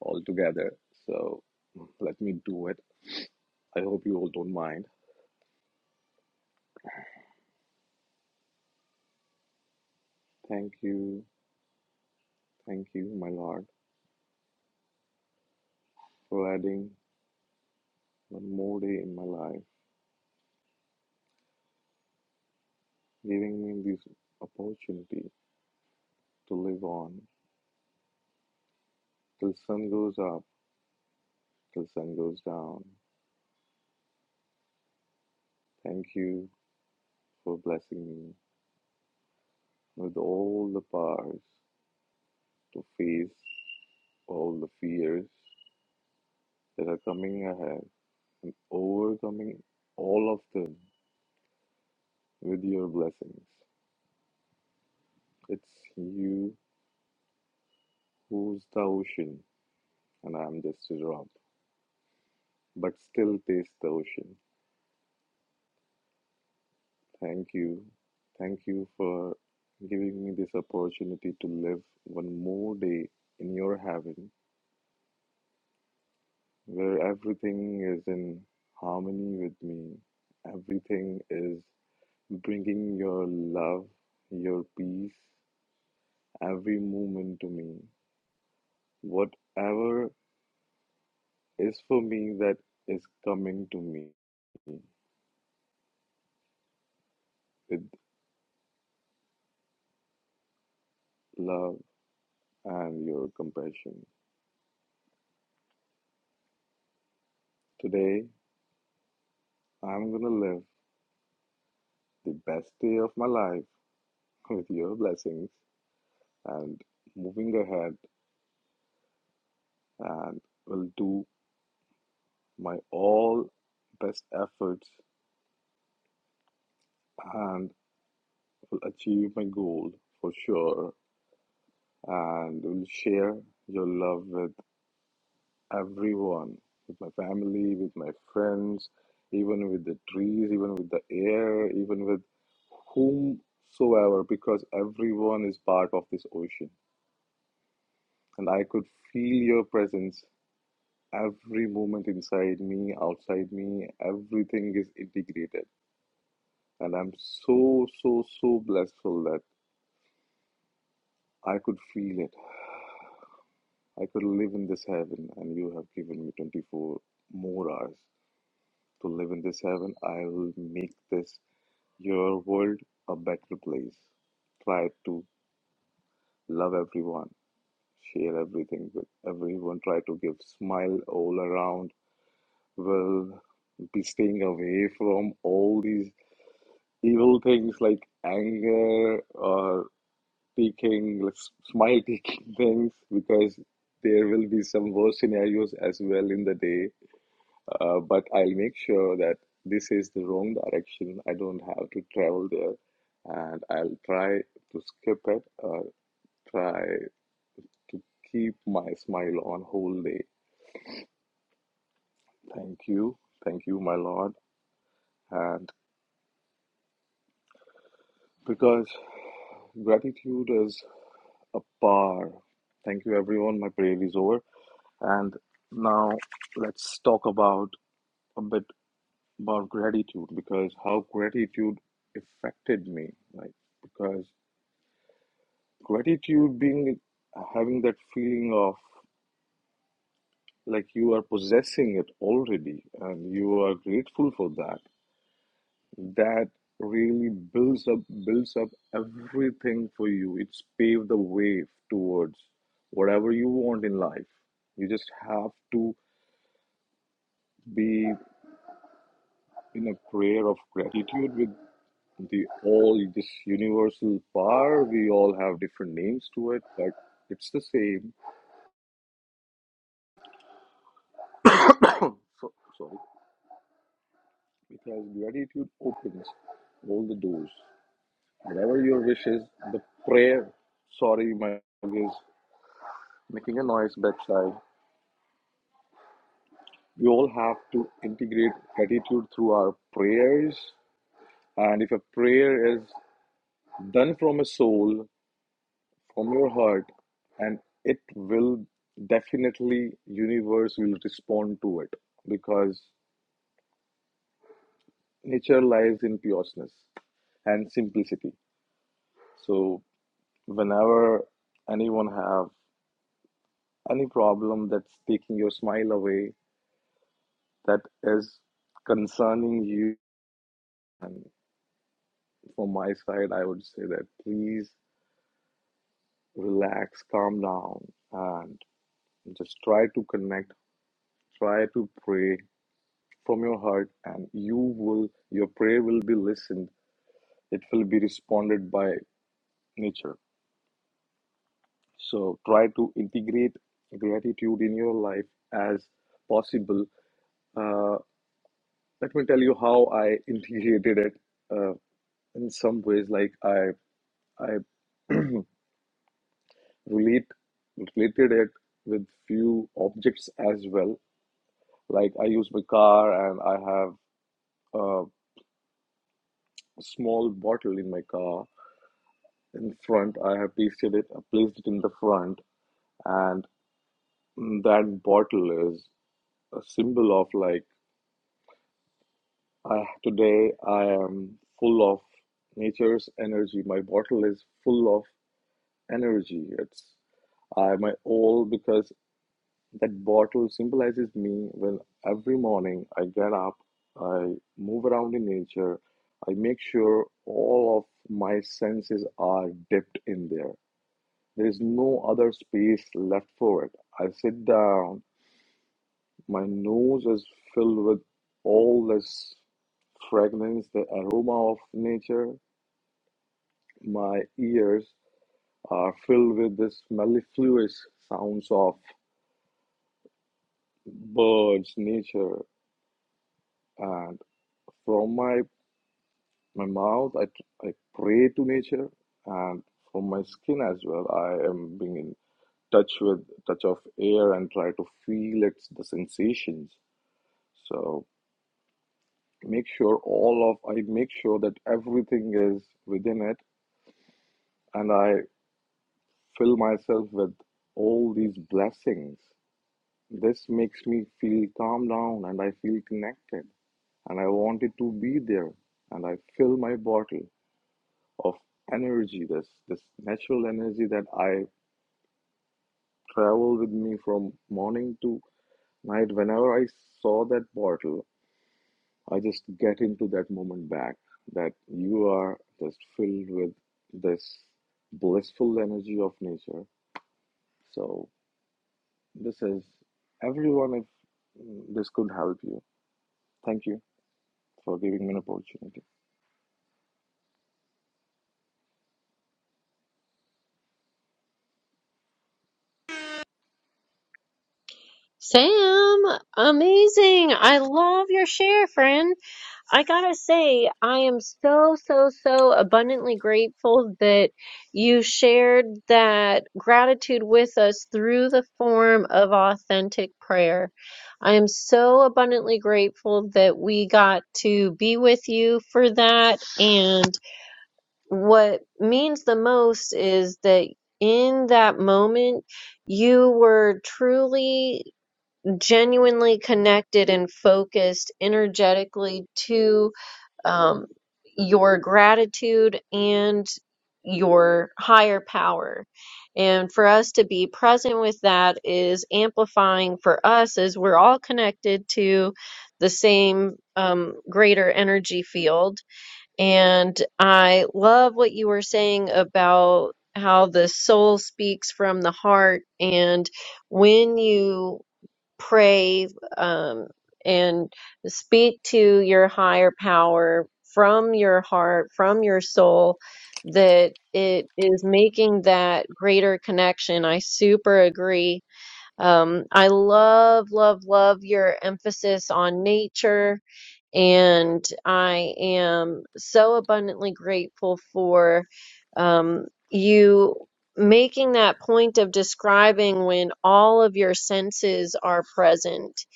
S12: all together. So, Let me do it. I hope you all don't mind. Thank you, thank you, my Lord, for adding one more day in my life, giving me this opportunity to live on till sun goes up, till sun goes down. Thank you for blessing me with all the powers to face all the fears that are coming ahead, overcoming all of them with your blessings. It's you who's the ocean and I'm just a drop, but still taste the ocean. Thank you. Thank you for giving me this opportunity to live one more day in your heaven where everything is in harmony with me. Everything is bringing your love, your peace, every moment to me. Whatever is for me that is coming to me with love and your compassion. Today, I'm gonna live the best day of my life with your blessings and moving ahead and will do my all best efforts and will achieve my goal for sure and will share your love with everyone, with my family, with my friends, even with the trees, even with the air, even with whomsoever, because everyone is part of this ocean. And I could feel your presence Every movement inside me, outside me, everything is integrated. And I'm so, so, so blessful that I could feel it. I could live in this heaven, and you have given me 24 more hours to live in this heaven. I will make this your world a better place. Try to love everyone, share everything with everyone, try to give smile all around. Will be staying away from all these evil things like anger or taking like, s- smile taking things because there will be some worse scenarios as well in the day uh, but i'll make sure that this is the wrong direction i don't have to travel there and i'll try to skip it or try to keep my smile on whole day thank you thank you my lord and because gratitude is a par. Thank you, everyone. My prayer is over. And now let's talk about a bit about gratitude because how gratitude affected me. Like, because gratitude being having that feeling of like you are possessing it already and you are grateful for that that really builds up builds up everything for you it's paved the way towards whatever you want in life you just have to be in a prayer of gratitude with the all this universal power we all have different names to it but it's the same so, sorry because gratitude opens all the doors whatever your wish is, the prayer sorry my dog is making a noise backside we all have to integrate gratitude through our prayers. And if a prayer is done from a soul, from your heart, and it will definitely universe will respond to it because nature lies in pureness and simplicity. So whenever anyone have any problem that's taking your smile away, that is concerning you, and from my side, I would say that please relax, calm down, and just try to connect, try to pray from your heart, and you will your prayer will be listened. It will be responded by nature. So try to integrate gratitude in your life as possible. Uh, let me tell you how I integrated it uh, in some ways. Like I, I relate related it with few objects as well. Like I use my car and I have a small bottle in my car in front. I have pasted it, I placed it in the front, and mm, that bottle is a symbol of like, I, today I am full of nature's energy. My bottle is full of energy. It's I my all because that bottle symbolizes me when every morning I get up, I move around in nature, I make sure all of my senses are dipped in there. There is no other space left for it. I sit down, my nose is filled with all this fragrance, the aroma of nature. My ears are filled with this mellifluous sounds of birds, nature, and from my my mouth, I, I pray to nature, and from my skin as well, I am being in touch with touch of air and try to feel its the sensations. So make sure all of I make sure that everything is within it and I fill myself with all these blessings. This makes me feel calm down and I feel connected and I wanted to be there and I fill my bottle of energy, this this natural energy that I travel with me from morning to night. Whenever I saw that bottle, I just get into that moment back that you are just filled with this blissful energy of nature. So, this is everyone, if mm, this could help you. Thank you for giving me an opportunity.
S1: Sam, amazing. I love your share, friend. I gotta say, I am so, so, so abundantly grateful that you shared that gratitude with us through the form of authentic prayer. I am so abundantly grateful that we got to be with you for that. And what means the most is that in that moment you were truly genuinely connected and focused energetically to um, your gratitude and your higher power and for us to be present with that is amplifying for us as we're all connected to the same um, greater energy field and I love what you were saying about how the soul speaks from the heart. And when you pray um, and speak to your higher power from your heart, from your soul, that it is making that greater connection. I super agree. Um, I love, love, love your emphasis on nature and I am so abundantly grateful for um, you making that point of describing when all of your senses are present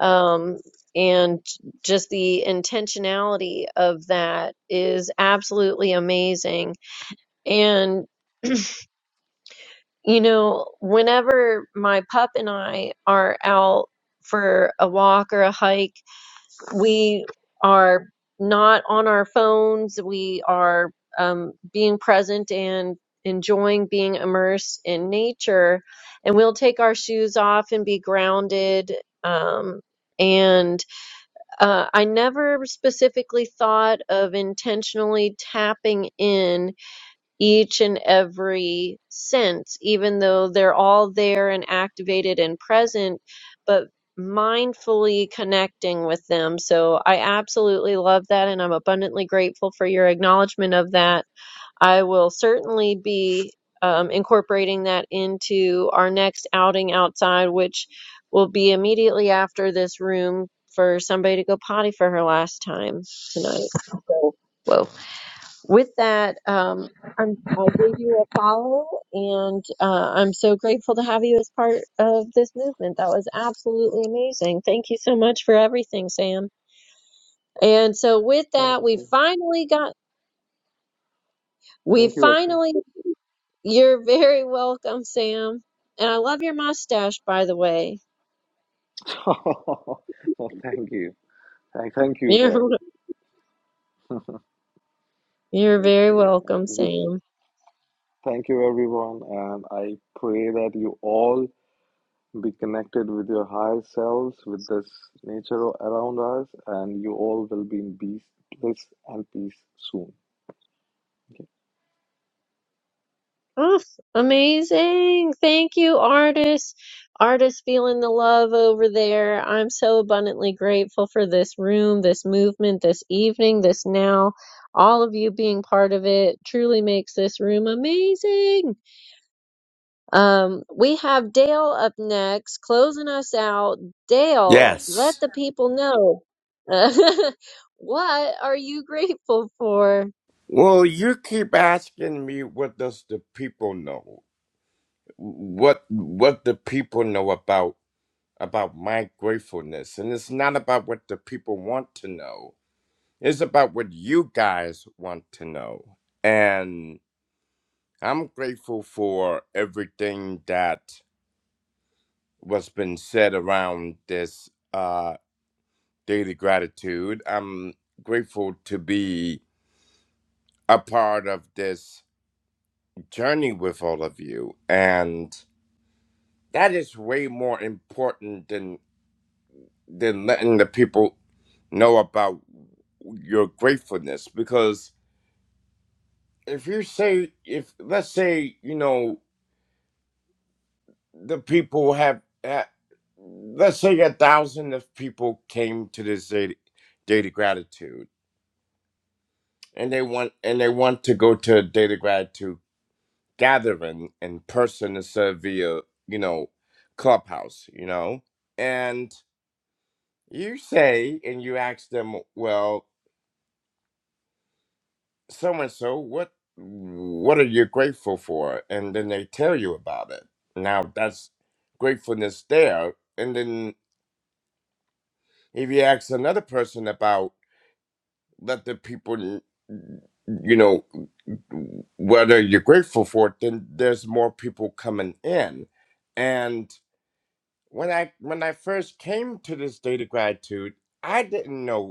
S1: um, and just the intentionality of that is absolutely amazing and you know whenever my pup and i are out for a walk or a hike we are not on our phones. We are um, being present and enjoying being immersed in nature. And we'll take our shoes off and be grounded. Um, and uh, I never specifically thought of intentionally tapping in each and every sense, even though they're all there and activated and present, but mindfully connecting with them. So I absolutely love that, and I'm abundantly grateful for your acknowledgement of that. I will certainly be um, incorporating that into our next outing outside, which will be immediately after this room for somebody to go potty for her last time tonight. So, whoa. With that, um, I'm, I gave you a follow, and uh, I'm so grateful to have you as part of this movement. That was absolutely amazing. Thank you so much for everything, Sam. And so, with
S12: Thank
S1: that, we
S12: you.
S1: finally got, we
S12: Thank you, Ashley.
S1: finally, you're very welcome, Sam. And I love your mustache, by the way.
S12: oh, thank you. Thank, thank you
S1: You're,
S12: for.
S1: you're
S12: Okay.
S1: very
S12: I
S1: welcome,
S12: Wish,
S1: Sam.
S12: thank you, everyone. And I pray that you all Be connected with your higher selves, with this nature around us, and you all will be in peace, bliss, and peace soon.
S1: Oh, amazing. Thank you, artists. Artists feeling the love over there. I'm so abundantly grateful for this room, this movement, this evening, this now. All of you being part of it truly makes this room amazing. Um, we have Dale up next, closing us out. Dale, let
S13: Yes.
S1: the people know what are you grateful for?
S13: Well, you keep asking me what does the people know? What what the people know about about my gratefulness? And it's not about what the people want to know. It's about what you guys want to know. And I'm grateful for everything that was been said around this uh daily gratitude. I'm grateful to be a part of this journey with all of you and that is way more important than than letting the people know about your gratefulness because if you say if let's say you know the people have, have let's say a thousand of people came to this day, day to gratitude and they want and they want to go to a day to gratitude gathering in person instead of via you know clubhouse you know and You say and you ask them, well, so and so, what what are you grateful for? And then they tell you about it. Now that's gratefulness there. And then if you ask another person about let the people you know whether you're grateful for it, then there's more people coming in. And when I when I first came to this state of gratitude, I didn't know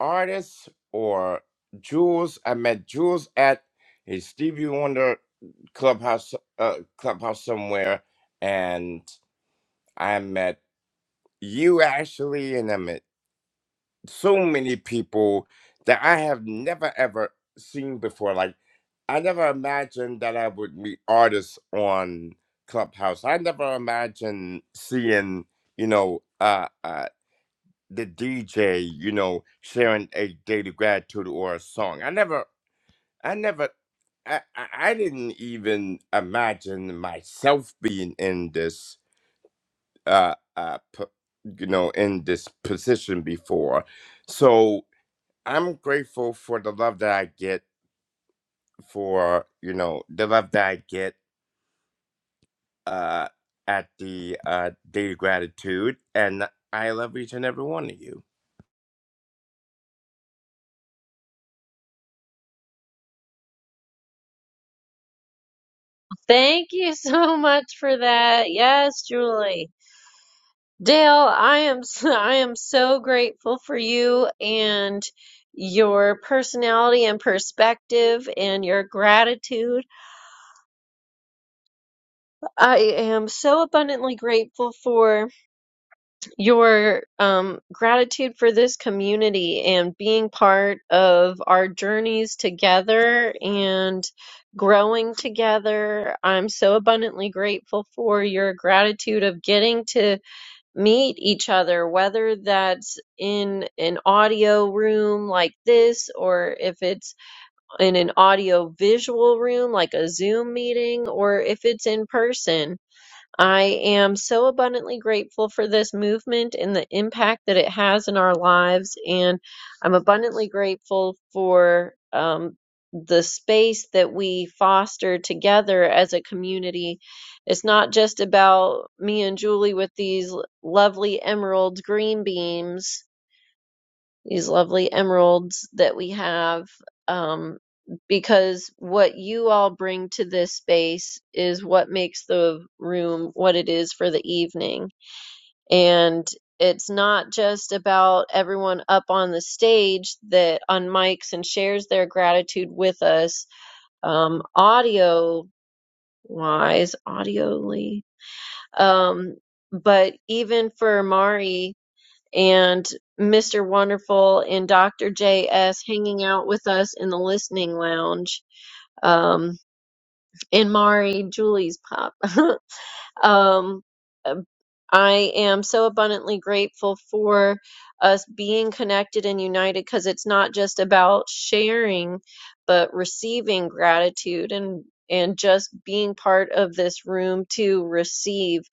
S13: artists or Jules. I met Jules at a Stevie Wonder clubhouse, uh, clubhouse somewhere, and I met you Ashley, and I met so many people that I have never ever seen before. Like I never imagined that I would meet artists on Clubhouse. I never imagined seeing, you know, uh, uh the DJ, you know, sharing a daily gratitude or a song. I never, I never, I, I I didn't even imagine myself being in this, uh, uh, p- you know, in this position before. So I'm grateful for the love that I get for, you know, the love that I get, uh, at the uh, daily gratitude, and I love each and every one of you.
S1: Thank you so much for that. Yes, Julie. Dale, I am s- I am so grateful for you and your personality and perspective and your gratitude. I am so abundantly grateful for your um, gratitude for this community and being part of our journeys together and growing together. I'm so abundantly grateful for your gratitude of getting to meet each other, whether that's in an audio room like this, or if it's in an audio visual room like a Zoom meeting, or if it's in person. I am so abundantly grateful for this movement and the impact that it has in our lives. And I'm abundantly grateful for um, the space that we foster together as a community. It's not just about me and Julie with these lovely emerald green beams these lovely emeralds that we have um, because what you all bring to this space is what makes the room what it is for the evening. And it's not just about everyone up on the stage that on mics and shares their gratitude with us, um, audio wise, audioly. Um, but even for Mari, and Mr. Wonderful and Dr. JS hanging out with us in the listening lounge. Um, and Mari, Julie's pop. um, I am so abundantly grateful for us being connected and united because it's not just about sharing, but receiving gratitude and and just being part of this room to receive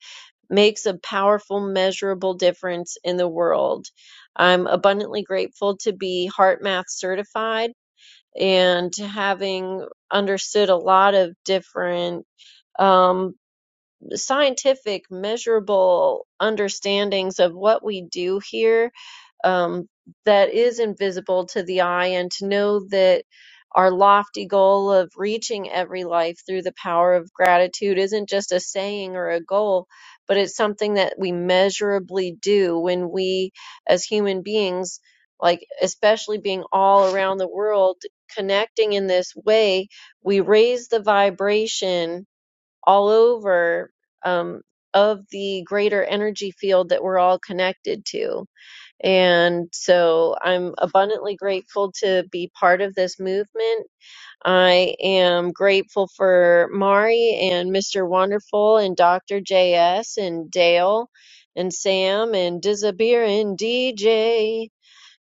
S1: makes a powerful, measurable difference in the world. I'm abundantly grateful to be Heart Math certified and to having understood a lot of different um, scientific, measurable understandings of what we do here um, that is invisible to the eye, and to know that our lofty goal of reaching every life through the power of gratitude isn't just a saying or a goal, but it's something that we measurably do when we, as human beings, like especially being all around the world, connecting in this way, we raise the vibration all over um, of the greater energy field that we're all connected to and so I'm abundantly grateful to be part of this movement. I am grateful for Mari and Mr. Wonderful and Dr. JS and Dale and Sam and Disabir and DJ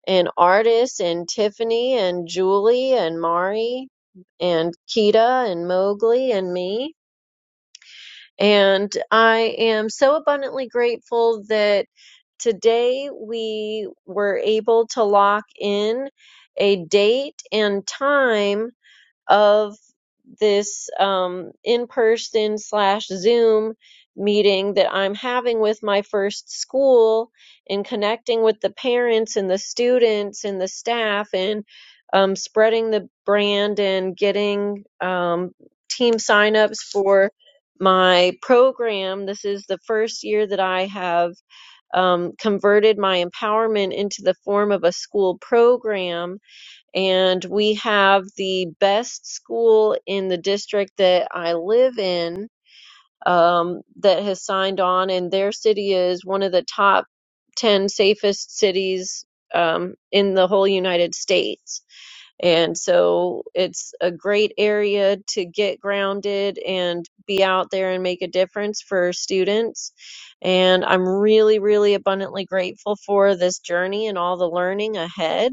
S1: and Artis and Tiffany and Julie and Mari and Kita and Mowgli and me. And I am so abundantly grateful that today we were able to lock in a date and time of this um, in person slash Zoom meeting that I'm having with my first school and connecting with the parents and the students and the staff and um, spreading the brand and getting um, team signups for my program. This is the first year that I have um, converted my empowerment into the form of a school program and we have the best school in the district that I live in um, that has signed on, and their city is one of the top 10 safest cities um, in the whole United States. And so it's a great area to get grounded and be out there and make a difference for students. And I'm really, really abundantly grateful for this journey and all the learning ahead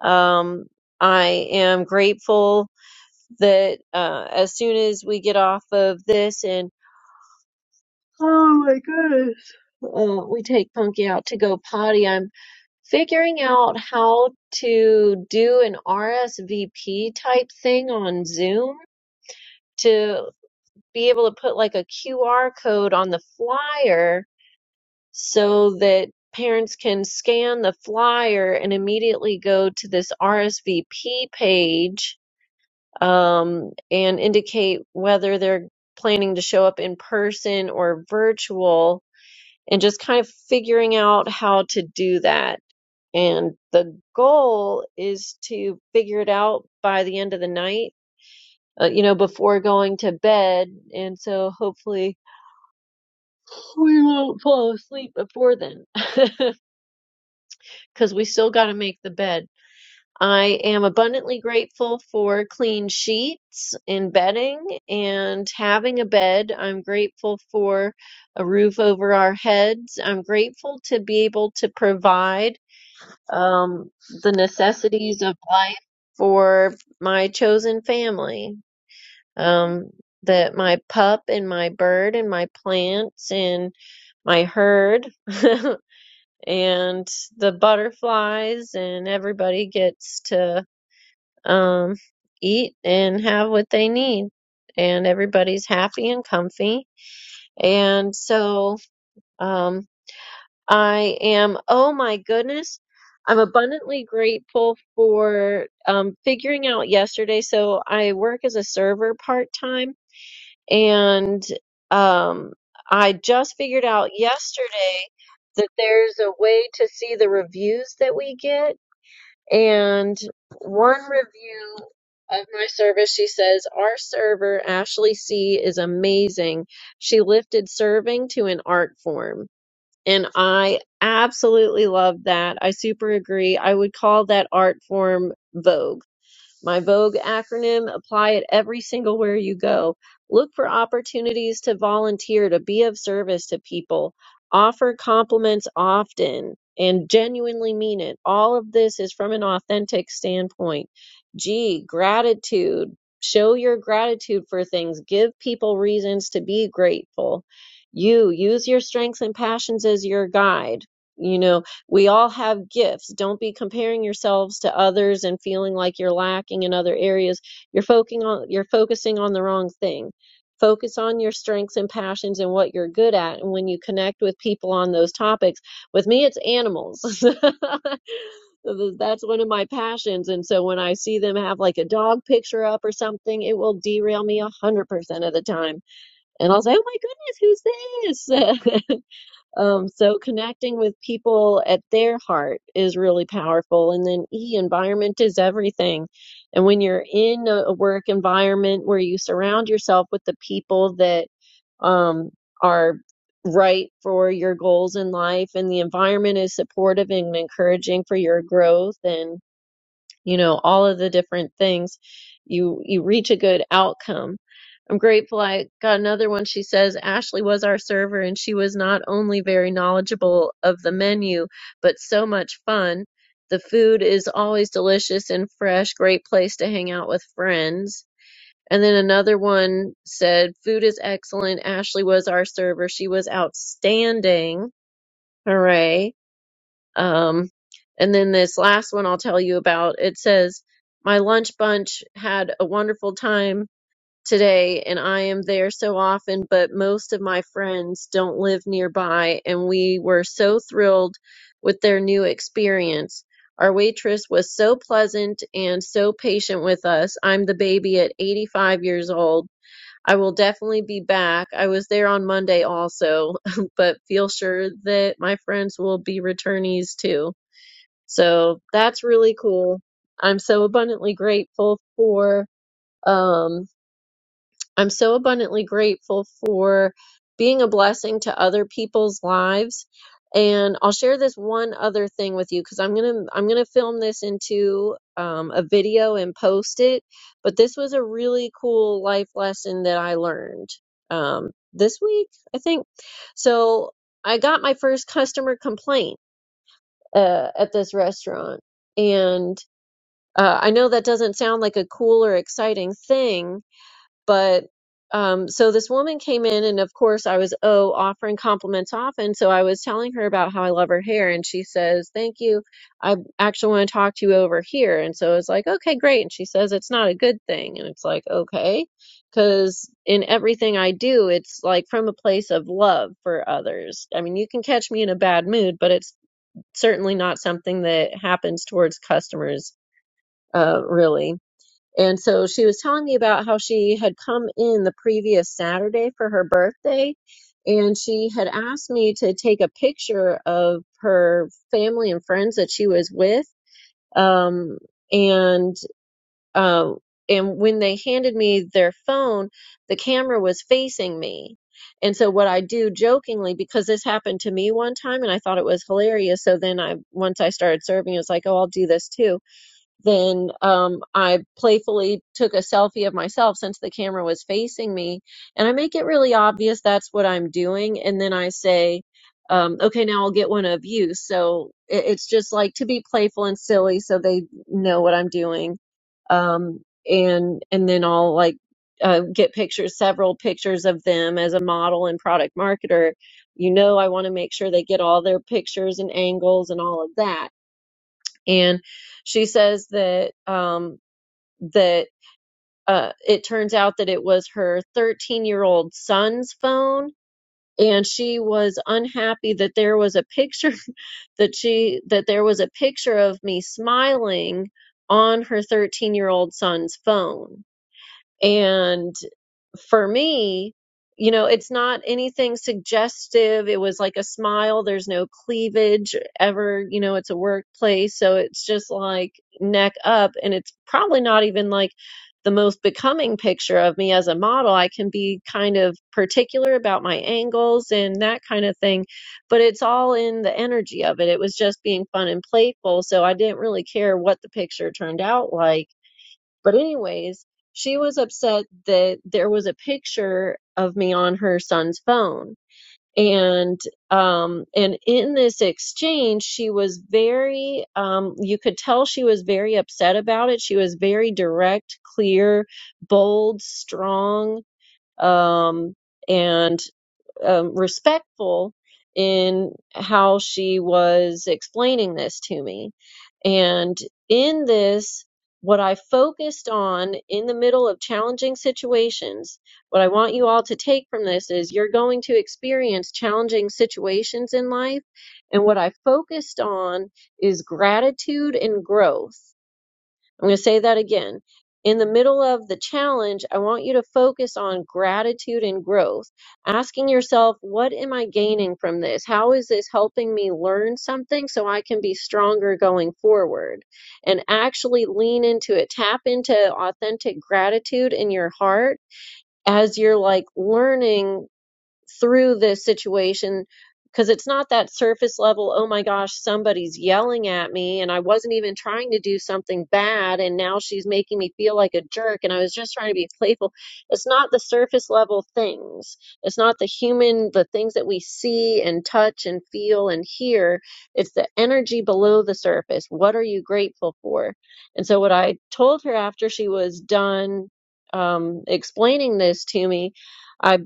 S1: um, I am grateful that uh, as soon as we get off of this and oh my goodness, uh, we take Punky out to go potty, I'm figuring out how to do an RSVP type thing on Zoom to be able to put like a QR code on the flyer so that parents can scan the flyer and immediately go to this RSVP page um, and indicate whether they're planning to show up in person or virtual and just kind of figuring out how to do that. And the goal is to figure it out by the end of the night, uh, you know, before going to bed. And so hopefully we won't fall asleep before then because we still got to make the bed. I am abundantly grateful for clean sheets and bedding and having a bed. I'm grateful for a roof over our heads. I'm grateful to be able to provide um, the necessities of life for my chosen family. Um, that my pup and my bird and my plants and my herd and the butterflies and everybody gets to um, eat and have what they need. And everybody's happy and comfy. And so um, I am, oh my goodness, I'm abundantly grateful for um, figuring out yesterday. So I work as a server part time, and um, I just figured out yesterday that there's a way to see the reviews that we get and one review of my service, she says, Our server, Ashley C., is amazing. She lifted serving to an art form. And I absolutely love that. I super agree. I would call that art form Vogue my Vogue acronym, apply it every single where you go. Look for opportunities to volunteer, to be of service to people. Offer compliments often and genuinely mean it. All of this is from an authentic standpoint. G, gratitude. Show your gratitude for things. Give people reasons to be grateful. You use your strengths and passions as your guide. You know. We all have gifts. Don't be comparing yourselves to others and feeling like you're lacking in other areas. You're focusing on you're focusing on the wrong thing. Focus on your strengths and passions and what you're good at. And when you connect with people on those topics, with me, it's animals. That's one of my passions. And so when I see them have like a dog picture up or something, it will derail me a hundred percent of the time. And I'll say, "Oh my goodness, who's this?" Um, so connecting with people at their heart is really powerful. And then E, environment is everything. And when you're in a a work environment where you surround yourself with the people that um, are right for your goals in life and the environment is supportive and encouraging for your growth and you know all of the different things you you reach a good outcome i'm grateful i got another one she says ashley was our server and she was not only very knowledgeable of the menu but so much fun the food is always delicious and fresh great place to hang out with friends and then another one said food is excellent ashley was our server she was outstanding hooray um, and then this last one I'll tell you about. It says, My lunch bunch had a wonderful time today, and I am there so often, but most of my friends don't live nearby, and we were so thrilled with their new experience. Our waitress was so pleasant and so patient with us. I'm the baby at 85 years old. I will definitely be back. I was there on Monday also, but feel sure that my friends will be returnees too. So that's really cool. I'm so abundantly grateful for um I'm so abundantly grateful for being a blessing to other people's lives. And I'll share this one other thing with you because I'm gonna I'm gonna film this into um, a video and post it. But this was a really cool life lesson that I learned um, this week, I think. So I got my first customer complaint uh, at this restaurant, and uh, I know that doesn't sound like a cool or exciting thing, but um, so this woman came in, and of course, I was, oh, offering compliments often. So I was telling her about how I love her hair, and she says, Thank you. I actually want to talk to you over here. And so I was like, Okay, great. And she says, It's not a good thing. And it's like, Okay. Because in everything I do, it's like from a place of love for others. I mean, you can catch me in a bad mood, but it's certainly not something that happens towards customers, uh, really. And so she was telling me about how she had come in the previous Saturday for her birthday, and she had asked me to take a picture of her family and friends that she was with. Um, and uh, and when they handed me their phone, the camera was facing me. And so what I do jokingly, because this happened to me one time and I thought it was hilarious. So then I, once I started serving, it was like, oh, I'll do this too then um, I playfully took a selfie of myself since the camera was facing me, and I make it really obvious that's what I'm doing. And then I say, um, "Okay, now I'll get one of you." So it, it's just like to be playful and silly, so they know what I'm doing. Um, and and then I'll like uh, get pictures, several pictures of them as a model and product marketer. You know, I want to make sure they get all their pictures and angles and all of that and she says that um, that uh, it turns out that it was her 13 year old son's phone, and she was unhappy that there was a picture that she that there was a picture of me smiling on her 13 year old son's phone, and for me, you know, it's not anything suggestive. It was like a smile. There's no cleavage ever. You know, it's a workplace. So it's just like neck up. And it's probably not even like the most becoming picture of me as a model. I can be kind of particular about my angles and that kind of thing. But it's all in the energy of it. It was just being fun and playful. So I didn't really care what the picture turned out like but anyways, she was upset that there was a picture of me on her son's phone. And um and in this exchange, she was very um you could tell she was very upset about it. She was very direct, clear, bold, strong, um and um, respectful in how she was explaining this to me. And in this, what I focused on in the middle of challenging situations, what I want you all to take from this is you're going to experience challenging situations in life. And what I focused on is gratitude and growth. I'm going to say that again. In the middle of the challenge, I want you to focus on gratitude and growth, asking yourself, what am I gaining from this? How is this helping me learn something so I can be stronger going forward? And actually lean into it, tap into authentic gratitude in your heart as you're like learning through this situation because it's not that surface level, oh my gosh, somebody's yelling at me and I wasn't even trying to do something bad and now she's making me feel like a jerk and I was just trying to be playful. It's not the surface level things. It's not the human, the things that we see and touch and feel and hear. It's the energy below the surface. What are you grateful for? And so what I told her after she was done um, explaining this to me I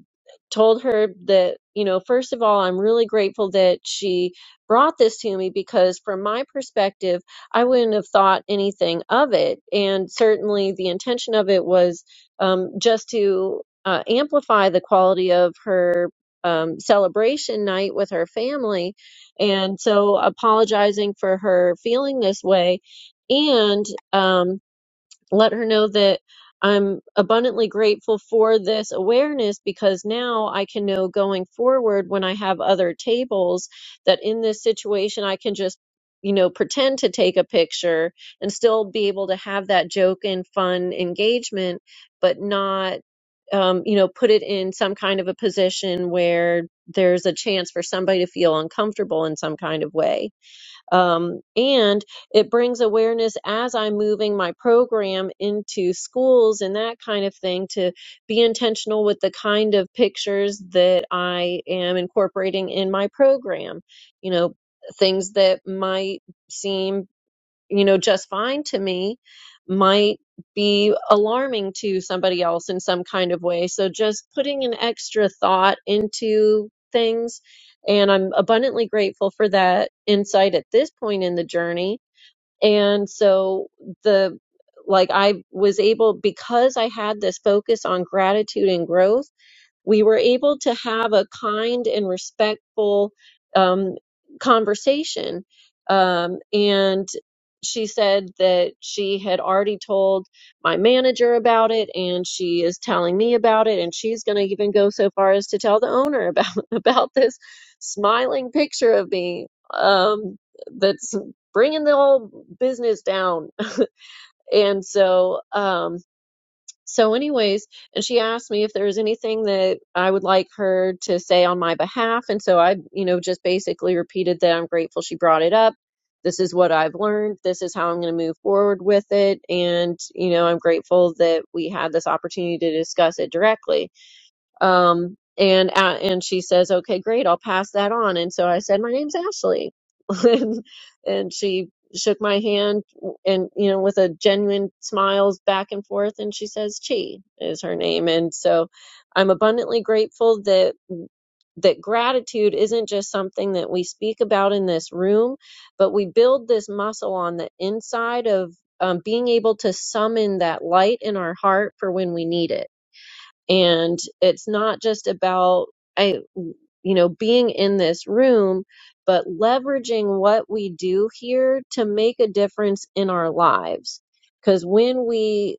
S1: told her that, you know, first of all, I'm really grateful that she brought this to me because from my perspective, I wouldn't have thought anything of it. And certainly the intention of it was um, just to uh, amplify the quality of her um, celebration night with her family. And so apologizing for her feeling this way. And, um, let her know that I'm abundantly grateful for this awareness because now I can know going forward when I have other tables that in this situation I can just, you know, pretend to take a picture and still be able to have that joke and fun engagement, but not. Um, you know, put it in some kind of a position where there's a chance for somebody to feel uncomfortable in some kind of way um, and it brings awareness as I'm moving my program into schools and that kind of thing to be intentional with the kind of pictures that I am incorporating in my program. You know, things that might seem you know, just fine to me might be alarming to somebody else in some kind of way. So just putting an extra thought into things. And I'm abundantly grateful for that insight at this point in the journey. And so the, like I was able, because I had this focus on gratitude and growth we were able to have a kind and respectful um, conversation. Um, and she said that she had already told my manager about it, and she is telling me about it, and she's going to even go so far as to tell the owner about about this smiling picture of me um, that's bringing the whole business down. and so, um, so, anyways, and she asked me if there was anything that I would like her to say on my behalf. And so I, you know, just basically repeated that I'm grateful she brought it up. This is what I've learned. This is how I'm going to move forward with it. And, you know, I'm grateful that we had this opportunity to discuss it directly um and uh, and she says okay great i'll pass that on and so i said my name's ashley and, and she shook my hand and you know with a genuine smiles back and forth and she says chi is her name and so i'm abundantly grateful that that gratitude isn't just something that we speak about in this room, but we build this muscle on the inside of um, being able to summon that light in our heart for when we need it and it's not just about, I, you know, being in this room, but leveraging what we do here to make a difference in our lives. Because when we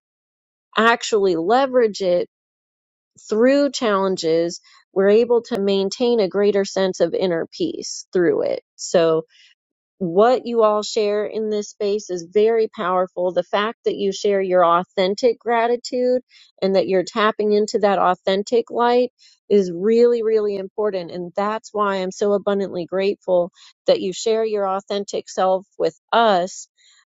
S1: actually leverage it through challenges, we're able to maintain a greater sense of inner peace through it. So, what you all share in this space is very powerful. The fact that you share your authentic gratitude and that you're tapping into that authentic light is really, really important. And that's why I'm so abundantly grateful that you share your authentic self with us.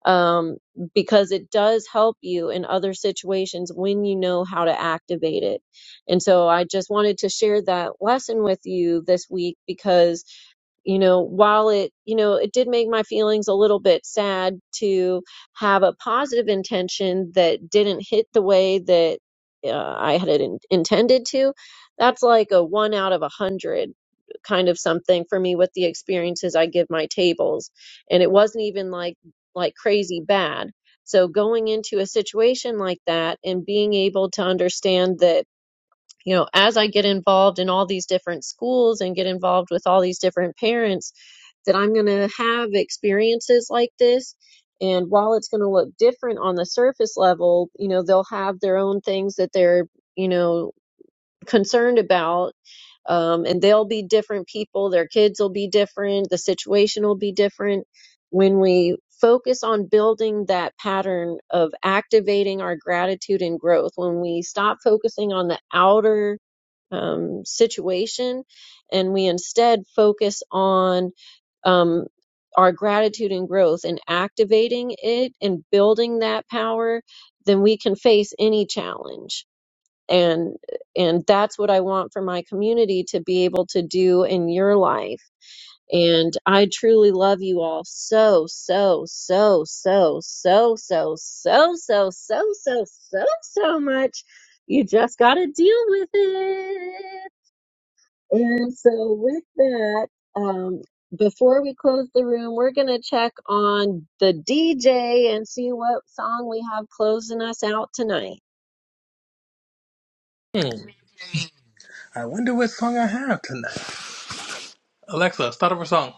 S1: Um, because it does help you in other situations when you know how to activate it. And so I just wanted to share that lesson with you this week because you know, while it, you know, it did make my feelings a little bit sad to have a positive intention that didn't hit the way that uh, I had it in- intended to, that's like a one out of a hundred kind of something for me with the experiences I give my tables. And it wasn't even like, like crazy bad. So going into a situation like that and being able to understand that you know, as I get involved in all these different schools and get involved with all these different parents, that I'm going to have experiences like this. And while it's going to look different on the surface level, you know, they'll have their own things that they're, you know, concerned about. Um, and they'll be different people. Their kids will be different. The situation will be different. When we focus on building that pattern of activating our gratitude and growth, when we stop focusing on the outer um, situation and we instead focus on um, our gratitude and growth and activating it and building that power, then we can face any challenge. And and that's what I want for my community to be able to do in your life. And I truly love you all so so so so so so so so so so so so much. You just got to deal with it. And so, with that, um, before we close the room, we're going to check on the DJ and see what song we have closing us out tonight.
S11: yeah. Hmm. I wonder what song I have tonight. Alexa, start up a song.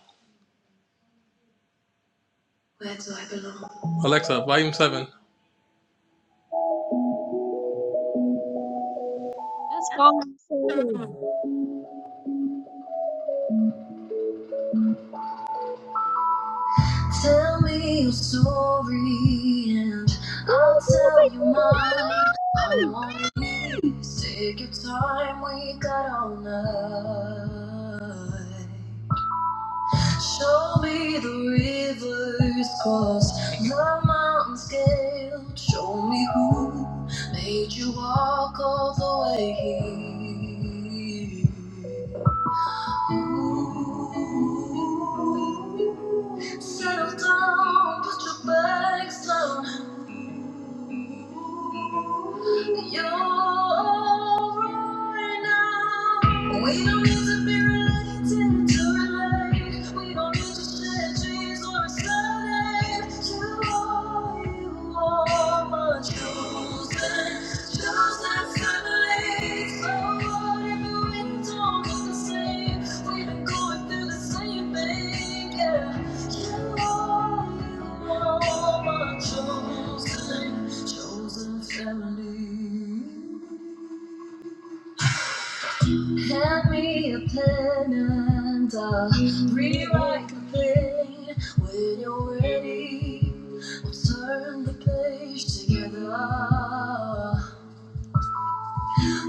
S11: Where do I belong? Alexa, volume seven.
S1: That's all I'm saying.
S11: Tell me your story and I'll
S1: Oh my
S11: tell you mine. I'm
S1: goodness, no!
S11: on your knees. Take your time. We got all night. Show me the rivers crossed, the mountains scaled. Show me who made you walk all the way here. Ooh. Settle down, put your bags down. You're right now. We don't need to be related to relate. We don't need to share dreams or a surname. You are, you are my chosen, chosen family. So Hand me a pen and I'll rewrite the thing when you're ready. We'll turn the page together.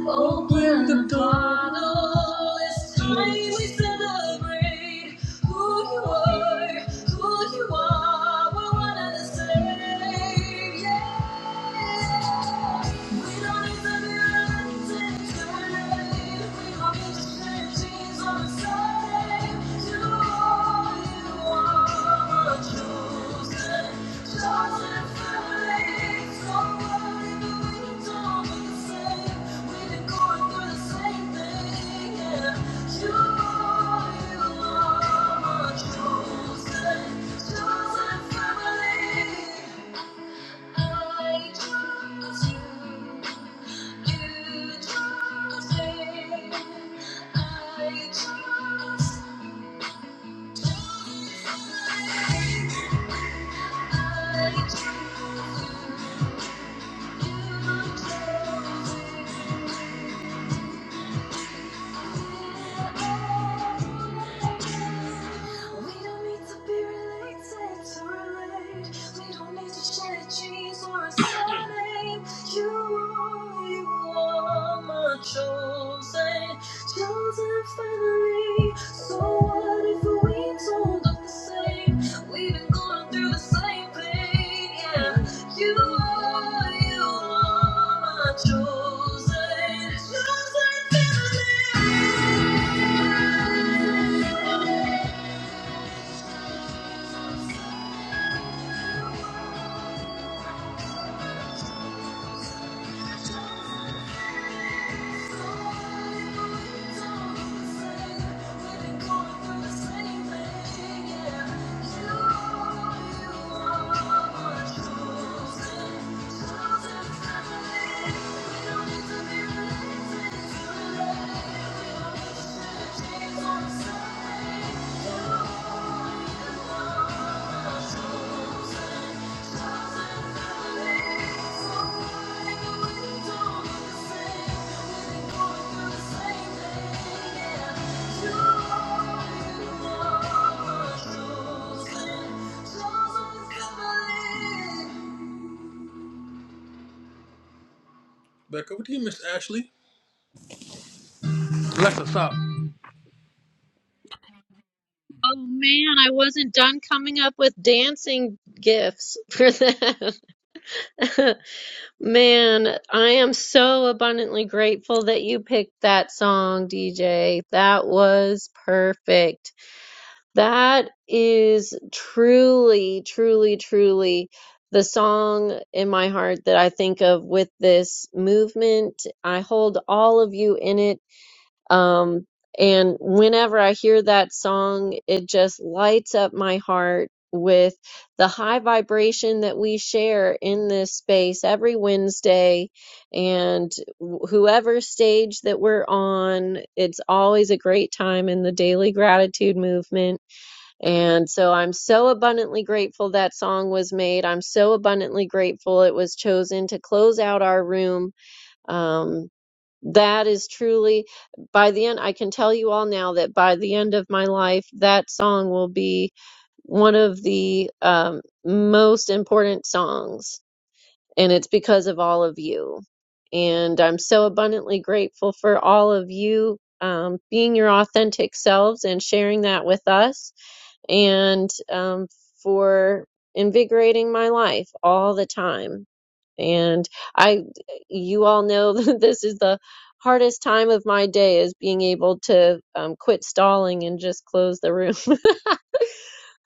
S11: Open the bottle. It's time we celebrate who you are, who you are. We're one and the same. Yeah. Chosen family. I choose you. You choose me. I choose We don't need to be related to relate. We don't need to share genes or a surname. You are, you are my chosen, chosen family. So what if we don't look the same? We've been going through the same pain, yeah. You are, you are my chosen, chosen family. Thank you Back over to you miss, Ashley? Alexa, stop.
S1: Oh, man, I wasn't done coming up with dancing gifts for them. Man, I am so abundantly grateful that you picked that song, DJ. That was perfect. That is truly, truly, truly the song in my heart that I think of with this movement. I hold all of you in it. Um, and whenever I hear that song, it just lights up my heart with the high vibration that we share in this space every Wednesday. And wh- whoever stage that we're on, it's always a great time in the daily gratitude movement and so I'm so abundantly grateful that song was made. I'm so abundantly grateful it was chosen to close out our room. Um, that is truly, by the end, I can tell you all now that by the end of my life, that song will be one of the um, most important songs. And it's because of all of you. And I'm so abundantly grateful for all of you um, being your authentic selves and sharing that with us and um, for invigorating my life all the time. And I, you all know that this is the hardest time of my day is being able to um, quit stalling and just close the room.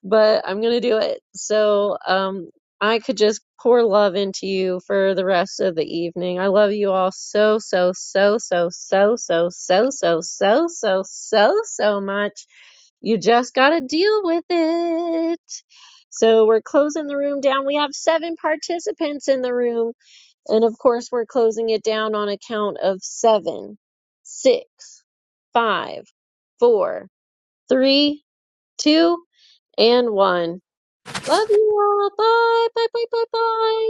S1: but I'm gonna do it. So, um, I could just pour love into you for the rest of the evening. I love you all so, so, so, so, so, so, so, so, so, so, so, so much. You just gotta deal with it. So we're closing the room down. We have seven participants in the room, and of course, we're closing it down on a count of seven, six, five, four, three, two, and one. Love you all. Bye. Bye. Bye. Bye. Bye.